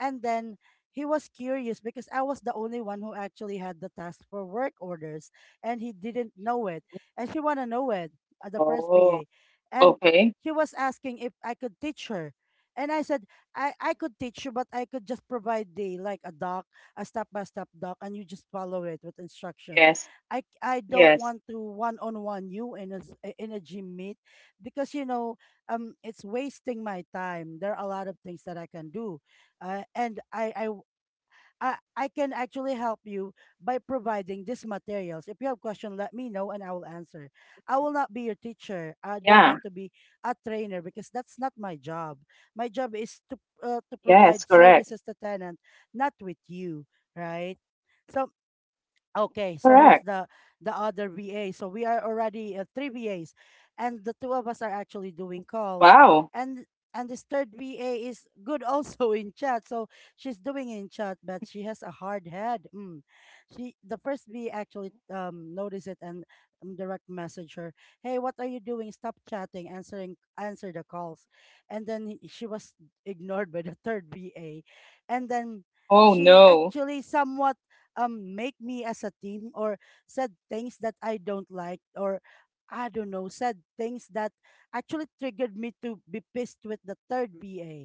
And then he was curious because I was the only one who actually had the task for work orders, and he didn't know it. And she wanna know it at the first B A. Oh, And she was okay. asking if I could teach her. And I said I I could teach you, but I could just provide the like a doc, a step by step doc, and you just follow it with instruction. Yes. I I don't want Yes. to one on one you in a s- i- in a gym meet because you know um it's wasting my time. There are a lot of things that I can do, uh, and I I I, I can actually help you by providing these materials. If you have question, let me know and I will answer. I will not be your teacher. I Yeah. don't want to be a trainer because that's not my job. My job is to uh, to Yes. provide Correct. services to tenant, not with you, right? So okay, so here's Correct. the the other V A. So we are already uh, three V As, and the two of us are actually doing calls, Wow. and and this third V A is good also in chat. So she's doing in chat, but she has a hard head. Mm. She The first V A actually um noticed it and um, direct message her, "Hey, what are you doing? Stop chatting, answering answer the calls," and then he- she was ignored by the third V A, and then Oh, she no. actually somewhat um make me as a team or said things that I don't like, or I don't know, said things that actually triggered me to be pissed with the third P A.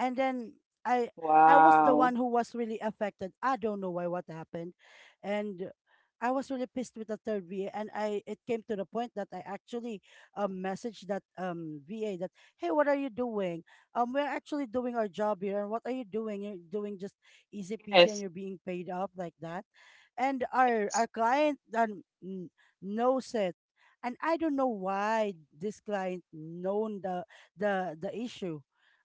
And then i I was the one Wow. who was really affected. I don't know why, what happened. And I was really pissed with the third VA, and I it came to the point that I actually um messaged that um VA that, "Hey, what are you doing? Um we're actually doing our job here, and what are you doing? You're doing just easy peasy and you're Yes. being paid up like that." And our our Yes. client um, n- knows it. And I don't know why this client known the the the issue.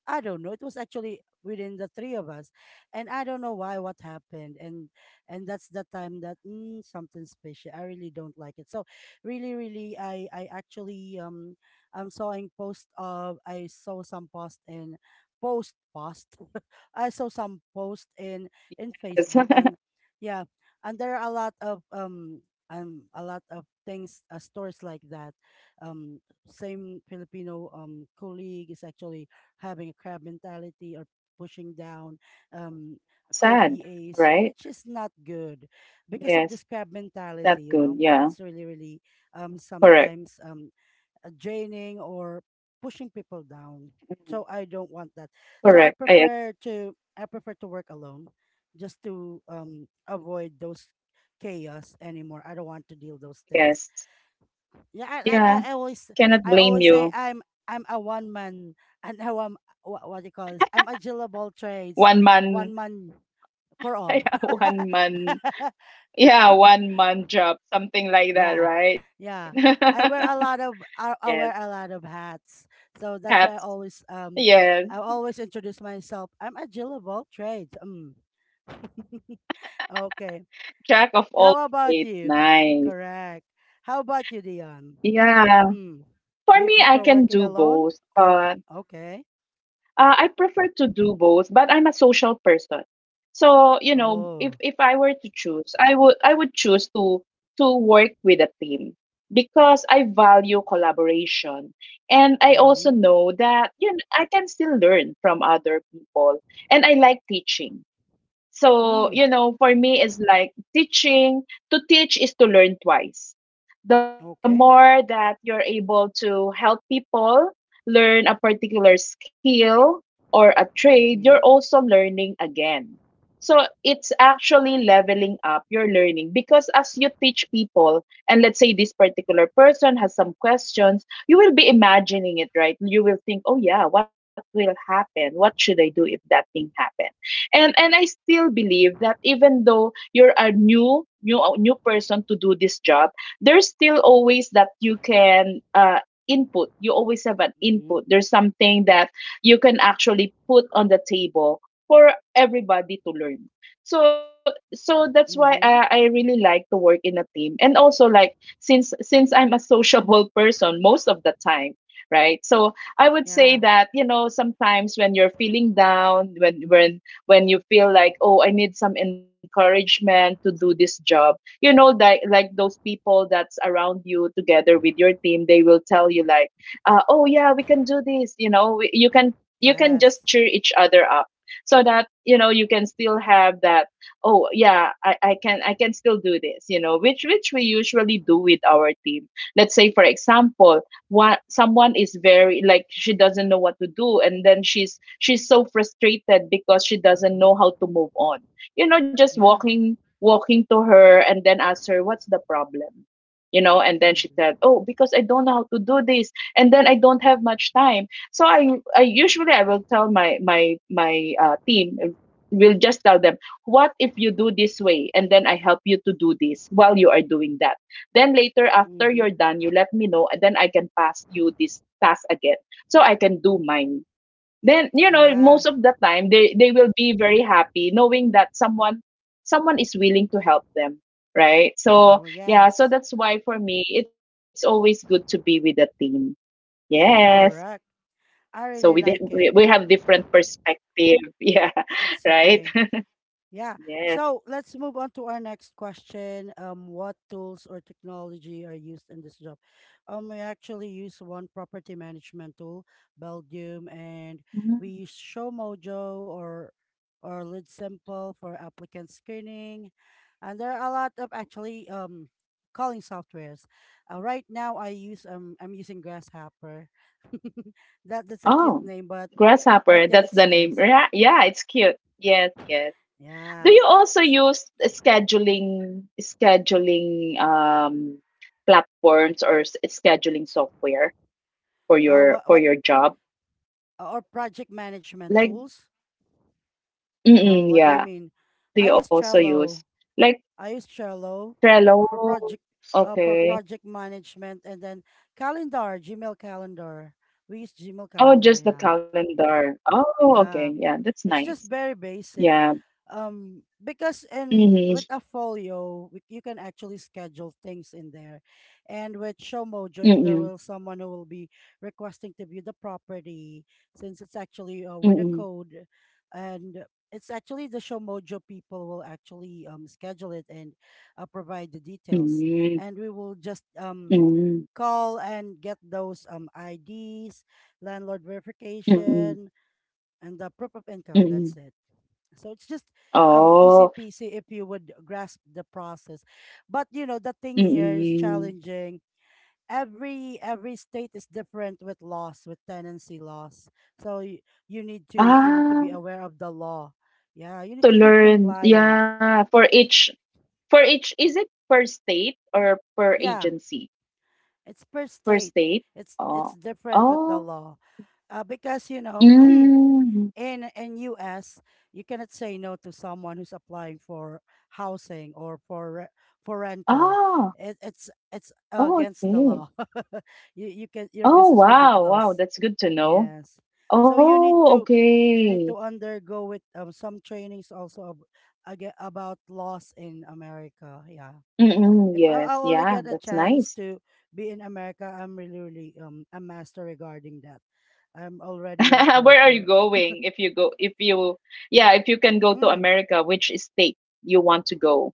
I don't know. It was actually within the three of us, and I don't know why, what happened. And and that's the time that mm, something special. I really don't like it. So really, really, I I actually um I'm sawing post of I saw some post in post post. I saw some post in in Yes. Facebook. And yeah, and there are a lot of um. Um, a lot of things, uh, stores like that. Um, Same Filipino um colleague is actually having a crab mentality or pushing down um, Sad, co-VAs, right? which is not good because of Yes. this crab mentality, Not you know. good. It's Yeah. really, really um, Correct. sometimes um, uh, draining or pushing people down. Mhm. So I don't want that. So I Correct. I agree. prefer to I prefer to work alone just to um, avoid those chaos anymore. I don't want to deal those things. Yes. Yeah, I, like Yeah. I, I always Cannot I blame always say you. I'm I'm a one man and I am what, what do you call this? I'm a Jill of all trades, One one man, man for all. yeah, one man, yeah, one man job, something like that, Yeah, right? yeah. I wear a lot of Yes. I, I wear a lot of hats, so that's Hats. why I always um Yes, I always introduce myself. I'm a Jill of all trades. Mm. Okay. jack of all How about trades. you? Nice. Correct. How about you, Dion? Yeah. Mm. Do For you me, I prefer can working do alone both, but or uh, okay? I prefer to do both, but I'm a social person. So, you know, if if Oh. I were to choose, I would I would choose to to work with a team because I value collaboration. And I Mm-hmm. also know that, you know, I can still learn from other people. And I like teaching. So, Mm. you know, for me, it's like teaching. To teach is to learn twice. The Okay. more that you're able to help people learn a particular skill or a trade, Mm-hmm. you're also learning again. So it's actually leveling up your learning because as you teach people, and let's say this particular person has some questions, you will be imagining it, right? You will think, oh, yeah, what will happen? What should I do if that thing happens? And and I still believe that even though you're a new new new person to do this job, there's still always that you can uh input. You always have an Mm-hmm. input. There's something that you can actually put on the table for everybody to learn. So so that's why I, I Mm-hmm. really like to work in a team, and also like since since I'm a sociable person most of the time, right? So I would say Yeah. that, you know, sometimes when you're feeling down, when when when you feel like, oh, I need some encouragement to do this job. You know, like like those people that's around you together with your team, they will tell you like, uh, oh yeah, we can do this. You know, we- you can you can just Yes. cheer each other up so that, you know, you can still have that, oh yeah, I, I can, i can still do this, you know, which which we usually do with our team. Let's say for example, what someone is very like, she doesn't know what to do, and then she's she's so frustrated because she doesn't know Mm-hmm. how to move on. You know, just Yeah. walking walking to her and then ask her what's the problem. You know, and then she said, Mm-hmm. oh, because I don't know how to do this, and then I don't have much time. So i i usually i will tell my my my uh, team, uh, will just tell them, what if you do this way and then I help you to do this while you are doing that? Then later, after Mm-hmm. you're done, you let me know, and then I can pass you this task again. So I can do Mm-hmm. mine. Then, you know, Yeah. most of the time they, they will be very happy knowing that someone someone is willing to help them. Right. So Oh yeah, so yes. that's why for me it's always good to be with a team. Yes. Correct. So we I di- really we we like it. have different perspective. Yeah. It's Right. okay. Yeah. Yes. So let's move on to our next question. Um, what tools or technology are used in this job? Um, we actually use one property management tool, Belgium, and Mm. we use Showmojo or or Lead Simple for applicant screening. And there are a lot of actually um calling softwares. Uh, right now I use um I'm using Grasshopper. that that's a cute Oh, name, but but grasshopper. yeah, That's it's the name. nice. Yeah, yeah, it's cute. Yes, yes. Do Yeah. you also S- use scheduling scheduling um platforms or s- scheduling software for Uh, your what for what your job? Or project management Like, tools. Oh, mm-mm, what do you yeah. mean? Do I you use also use Trello. like I use Trello for Trello? project uh, for Okay. project management, and then calendar, Gmail calendar. We use Gmail Oh, calendar, just the yeah. calendar. Oh, okay. Yeah. Yeah, that's It's nice. just very basic. Yeah. Um, because in Mm-hmm. with a folio, we, you can actually schedule things in there, and with Showmojo, if there Mm-mm. will someone who will be requesting to view the property, since it's actually uh, with a Mm-mm. code, and it's actually the Showmojo people will actually um, schedule it and uh, provide the details, and Mm-mm. we will just um, Mm-mm. call and get those um, I Ds, landlord Mm-mm. verification, and the proof of income. Mm-mm. That's it. So it's just um, easy Oh. peasy if you would grasp the process. But you know, the thing here is Mm-mm. challenging. Every every state is different with laws, with tenancy laws. So you, you need to you need to be Ah. aware of the law. Yeah, you need To to be learn. compliant. Yeah, for each, for each, is it per state or per Yeah, agency? it's per Per state. state. It's it's Oh. different with the Oh. law, uh, because you know. Mm. in in U S, you cannot say no to someone who's applying for housing or for re- for rental. Ah. It, it's it's Oh, against the okay. law. you you can your Oh, business will be wow. Wow, closed. that's good to know. Yes, so you need Oh, to you okay. need to undergo with um, some trainings also of, aga about laws in America. Yeah. Mm-mm, If I, yes. I'll only Yeah, get a that's chance nice. to be in America, I'm really, really um, a master regarding that. I'm already a pro Where are you for. going if you go, if you yeah, if you can go to mm, America, which state you want to go?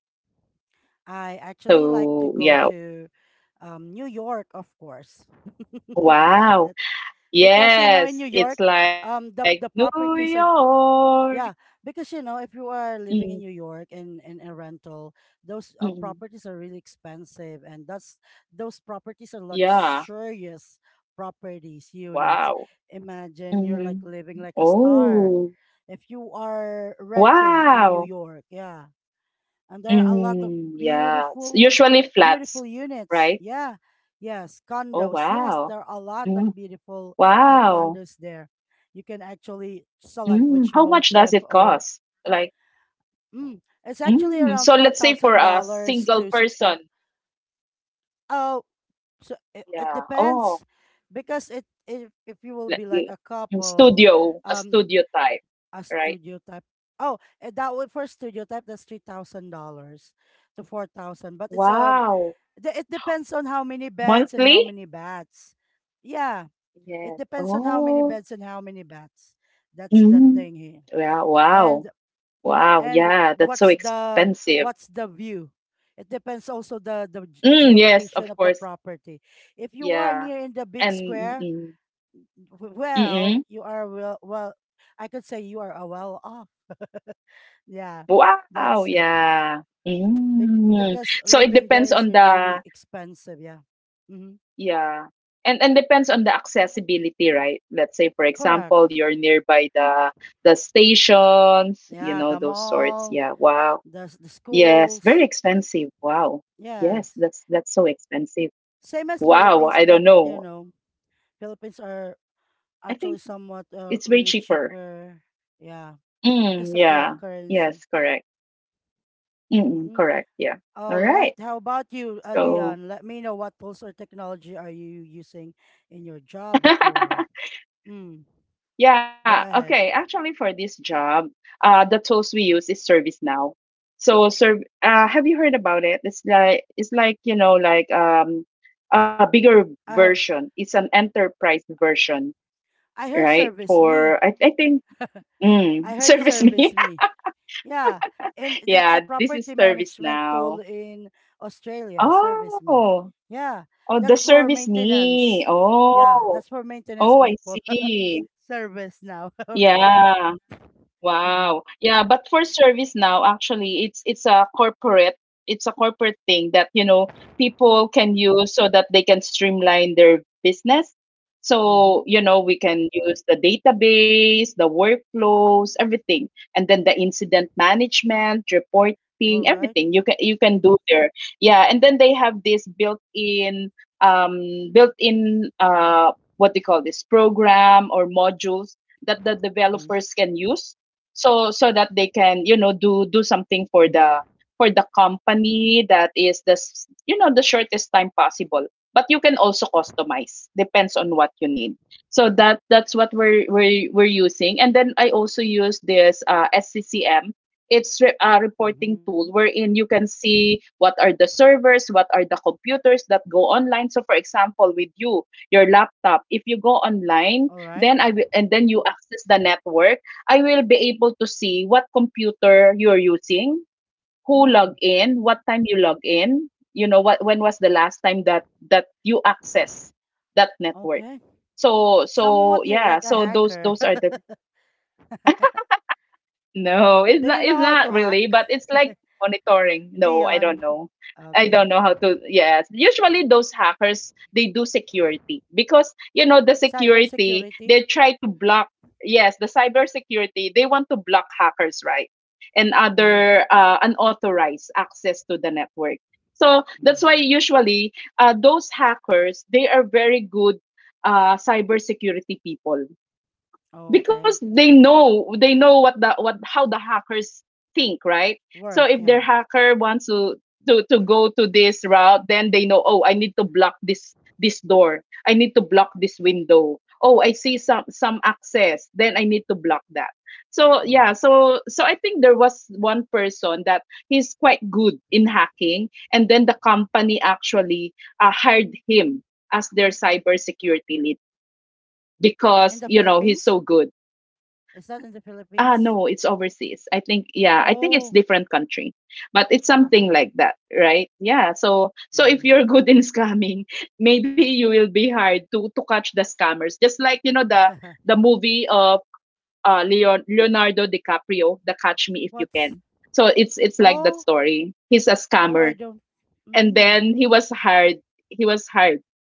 I actually like to So, go yeah. to um, New York, of course. Wow. That because you know in Yes, New York, it's like um, the the New properties are York. yeah. Because you know if you are living in Mm, New York and in a rental, those uh, mm, properties are really expensive, and that's those properties are yeah. luxurious properties units. Wow. Imagine you're like living Hmm. like a star Oh, if you are renting in New wow. York. Yeah, and there are a lot of Mm, yeah. It's beautiful usually beautiful flats, units right? yeah. Yes, Oh, condos, yes, wow. there are a lot of Mm, beautiful uh, wow. condos there. You can actually Mm, how select much which does it motif cost? or Like, mm, it's actually mm, around so four let's say for thousand a dollars single to six thousand. person. Oh, so it, it Yeah. Oh, depends because it if, if you will l- be like a l- mm, couple, studio, a um, studio type, a right? studio type. oh eh, that would, for studio type, that's three thousand dollars to four thousand, but it's um. Wow. the, it depends on how many beds and how Monthly? many bats. Yeah, it Yes. depends on how many Oh. beds and how many bats. That's the Mm. thing here. Yeah, wow. And Wow. and Yeah, that's so what's the expensive. what's the view? It depends also the the ge- Mm, yes, of geolocation of the course. property. If you are Yeah. near in the big And square, mm, w- mm, well, mm. you are well, well I could say you are a well off. Yeah, Wow. that's it. Yeah. Bec- Mm. Because So it living there depends is on the, really expensive. Yeah, mm-hmm. yeah. And and depends on the accessibility, right? Let's say for Correct. example, you're nearby the the stations, you Yeah, know, the those sorts. mall, Yeah. Wow. the s- the Yes, very schools. expensive. Wow. Yes, Yes, that's that's so expensive. same as Wow, Philippines, I but don't you know. know, Philippines are I actually think somewhat uh, it's way really cheaper. cheaper. Yeah, Mm, because of the yeah. currency. Yes, correct. Mm-mm, Mm-hmm. correct. Yeah. All All right. right. How about you, uh, So, Dion? Let me know what tools or technology are you using in your job before. Mm, yeah, go okay. ahead. Actually, for this job, uh, the tools we use is ServiceNow. So, serv uh, have you heard about it? It's like it's like, you know, like um a bigger I heard, version. It's an enterprise version, I heard right? Service For Me. I, I think Mm, I heard Service Service Me? Me. Yeah, and that's Yeah, a this is property Service management Now. tool in Australia, Service Me. Oh, Yeah, oh, the that's for Service Me. maintenance. Yeah, Oh, that's for maintenance oh, I people. see. Service Now. Okay. Yeah. Mm-hmm. Wow. Yeah, but for Service Now, actually, it's it's a corporate, it's a corporate thing that, you know, people can use so that they can streamline their business. Mm-hmm. So, you know, we can use the database, the workflows, everything. And then the incident management, reporting, All right. everything you can you can do there. Yeah, and then they have this built-in um built-in uh what do you call this, program or modules that the Mm-hmm. developers can use so so that they can, you know, do do something for the, for the company that is the s- you know, the shortest time possible, but you can also customize depends on what you need. So that that's what we're we're, we're using. And then I also use this uh, S C C M. it's re- a Mm-hmm. reporting tool wherein you can see what are the servers, what are the computers that go online. So for example, with you, your laptop, if you go online, All right. then i will, and then you access the network, I will be able to see what computer you're using, who Mm. log in, what time you log in, you know, what when was the last time that that you access that network. Okay. So Somewhat so you're like yeah, a so those hacker. those are the No, Do it's you not know it's how to not hack? really, but it's like monitoring. No, I Dion. don't know. I don't Okay. know how to, yes. Usually those hackers they do security because you know the security Cybersecurity. they try to block, yes, the cybersecurity, they want to block hackers, right? And Mm-hmm. other uh, unauthorized access to the network. So that's Mm. why usually uh, those hackers they are very good uh cybersecurity people, Oh, okay. because they know, they know what the, what, how the hackers think, right? So Work, if yeah. their hacker wants to to to go to this route, then they know, oh, I need to block this this door, I need to block this window, oh, I see some some access, then I need to block that. So Mm. yeah, so so I think there was one person that he's quite good in hacking, and then the company actually uh, hired him as their cybersecurity lead In because, the you know, he's Philippines? so good. Is that in the Ah, no, it's Philippines? overseas. I think, yeah, I think it's different Oh, country, but it's oh, something like okay. that, right? Yeah. So, so if you're Mm-hmm. good in scamming, maybe you will be hired to to catch the scammers. Just like, you know, the the movie of uh Leon Leonardo DiCaprio, The Catch Me If You Can. What's So it's it's like that oh, story. He's a scammer, oh, I don't. and then Mm, he was hired he was hired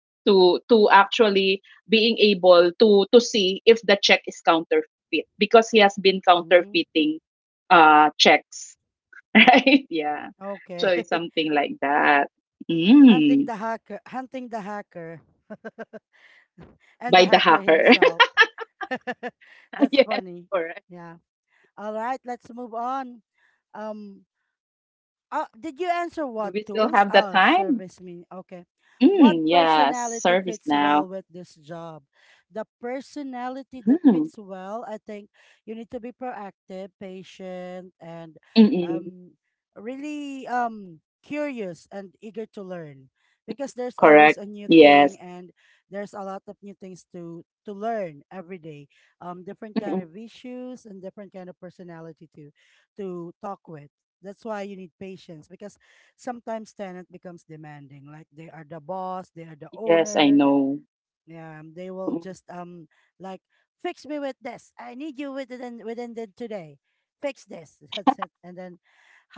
to to actually being able to to see if the check is counterfeit because he has been mm, counterfeiting uh checks. Right, yeah, so okay. it's something like that. Mm, Hunting the hacker, hunting the hacker, and by the the hacker hacker. himself. That's Yes, funny. correct. Yeah. All right. Let's move on. Um. Oh, did you answer Do what we still tools? have the Oh, time? Service Mean. Okay. What Mm, yes, personality Service fits Now. well with this job? The personality that Mm, fits well, I think you need to be proactive, patient, and mm-mm, um, really um, curious and eager to learn, because there's always correct. a new thing, Yes. and there's a lot of new things to to learn every day, um, different kind Mm-mm, of issues and different kind of personality to to talk with. That's why you need patience, because sometimes tenant becomes demanding. Like they are the boss, they are the yes, I owner. know. Yeah. Um, they will Mm-mm, just um, like, fix me with this. I need you within within the today. Fix this. That's it. And then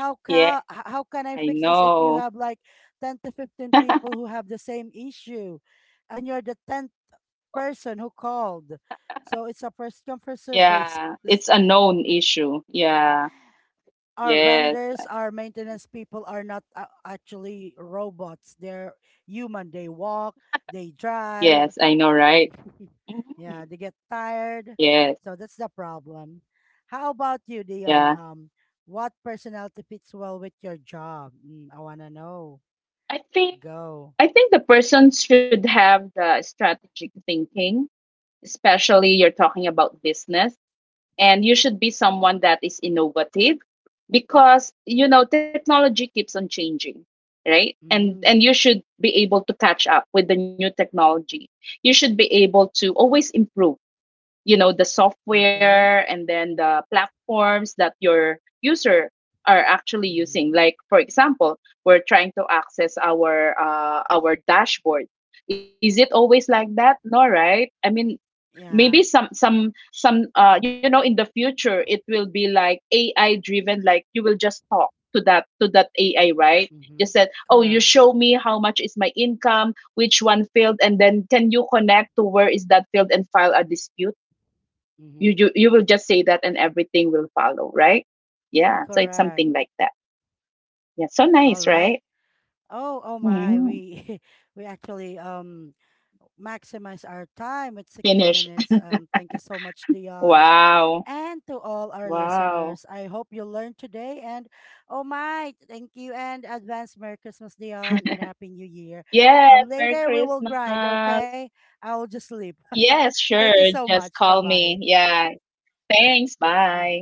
how can yes, how can I I fix this if you know. have like ten to fifteen people who have the same issue, and you're the tenth person who called. So it's a first come first serve basis. Yeah, it's a known issue. Yeah, Our yes, vendors, I- our maintenance people are not uh, actually robots. They're human. They walk, they drive. yes, I know, right? Mhm. Yeah, they get tired. Yes, So that's the problem. How about you, Dion? yeah. Um, what personality fits well with your job? Mm, I wanna know. I think Go. I think the person should have the strategic thinking, especially you're talking about business, and you should be someone that is innovative because you know technology keeps on changing, right? And Mm, and you should be able to catch up with the new technology. You should be able to always improve, you know, the okay. software and then the platforms that your user are actually Mm-hmm. using. Like for example, we're trying to access our uh, our dashboard, is it always like that? No, right? I mean, Yeah. maybe some some some uh you know, in the future, it will be like A I driven, like you will just talk to that, to that A I, right? Mm-hmm. Just said, oh, you Correct. show me how much is my income, which one field, and then can you connect to where is that field and file a dispute. you Mm-hmm. you you will just say that, and everything will follow, right? Yeah, so it's Correct. something like that. Yeah, so All nice, right. right? Oh, oh my, Mm, we we actually um, maximize our time with sixty finish. minutes. Um, thank you so much, Dion. Wow, And to all our wow. listeners, I hope you learned today. And oh my, thank you. And advance Merry Christmas, Dion, and Happy New Year. Um, yes, merry later we will grind, Christmas. okay? I will just sleep. Yes, Thank you sure, so just much. Bye call bye. me. Yeah, thanks, bye.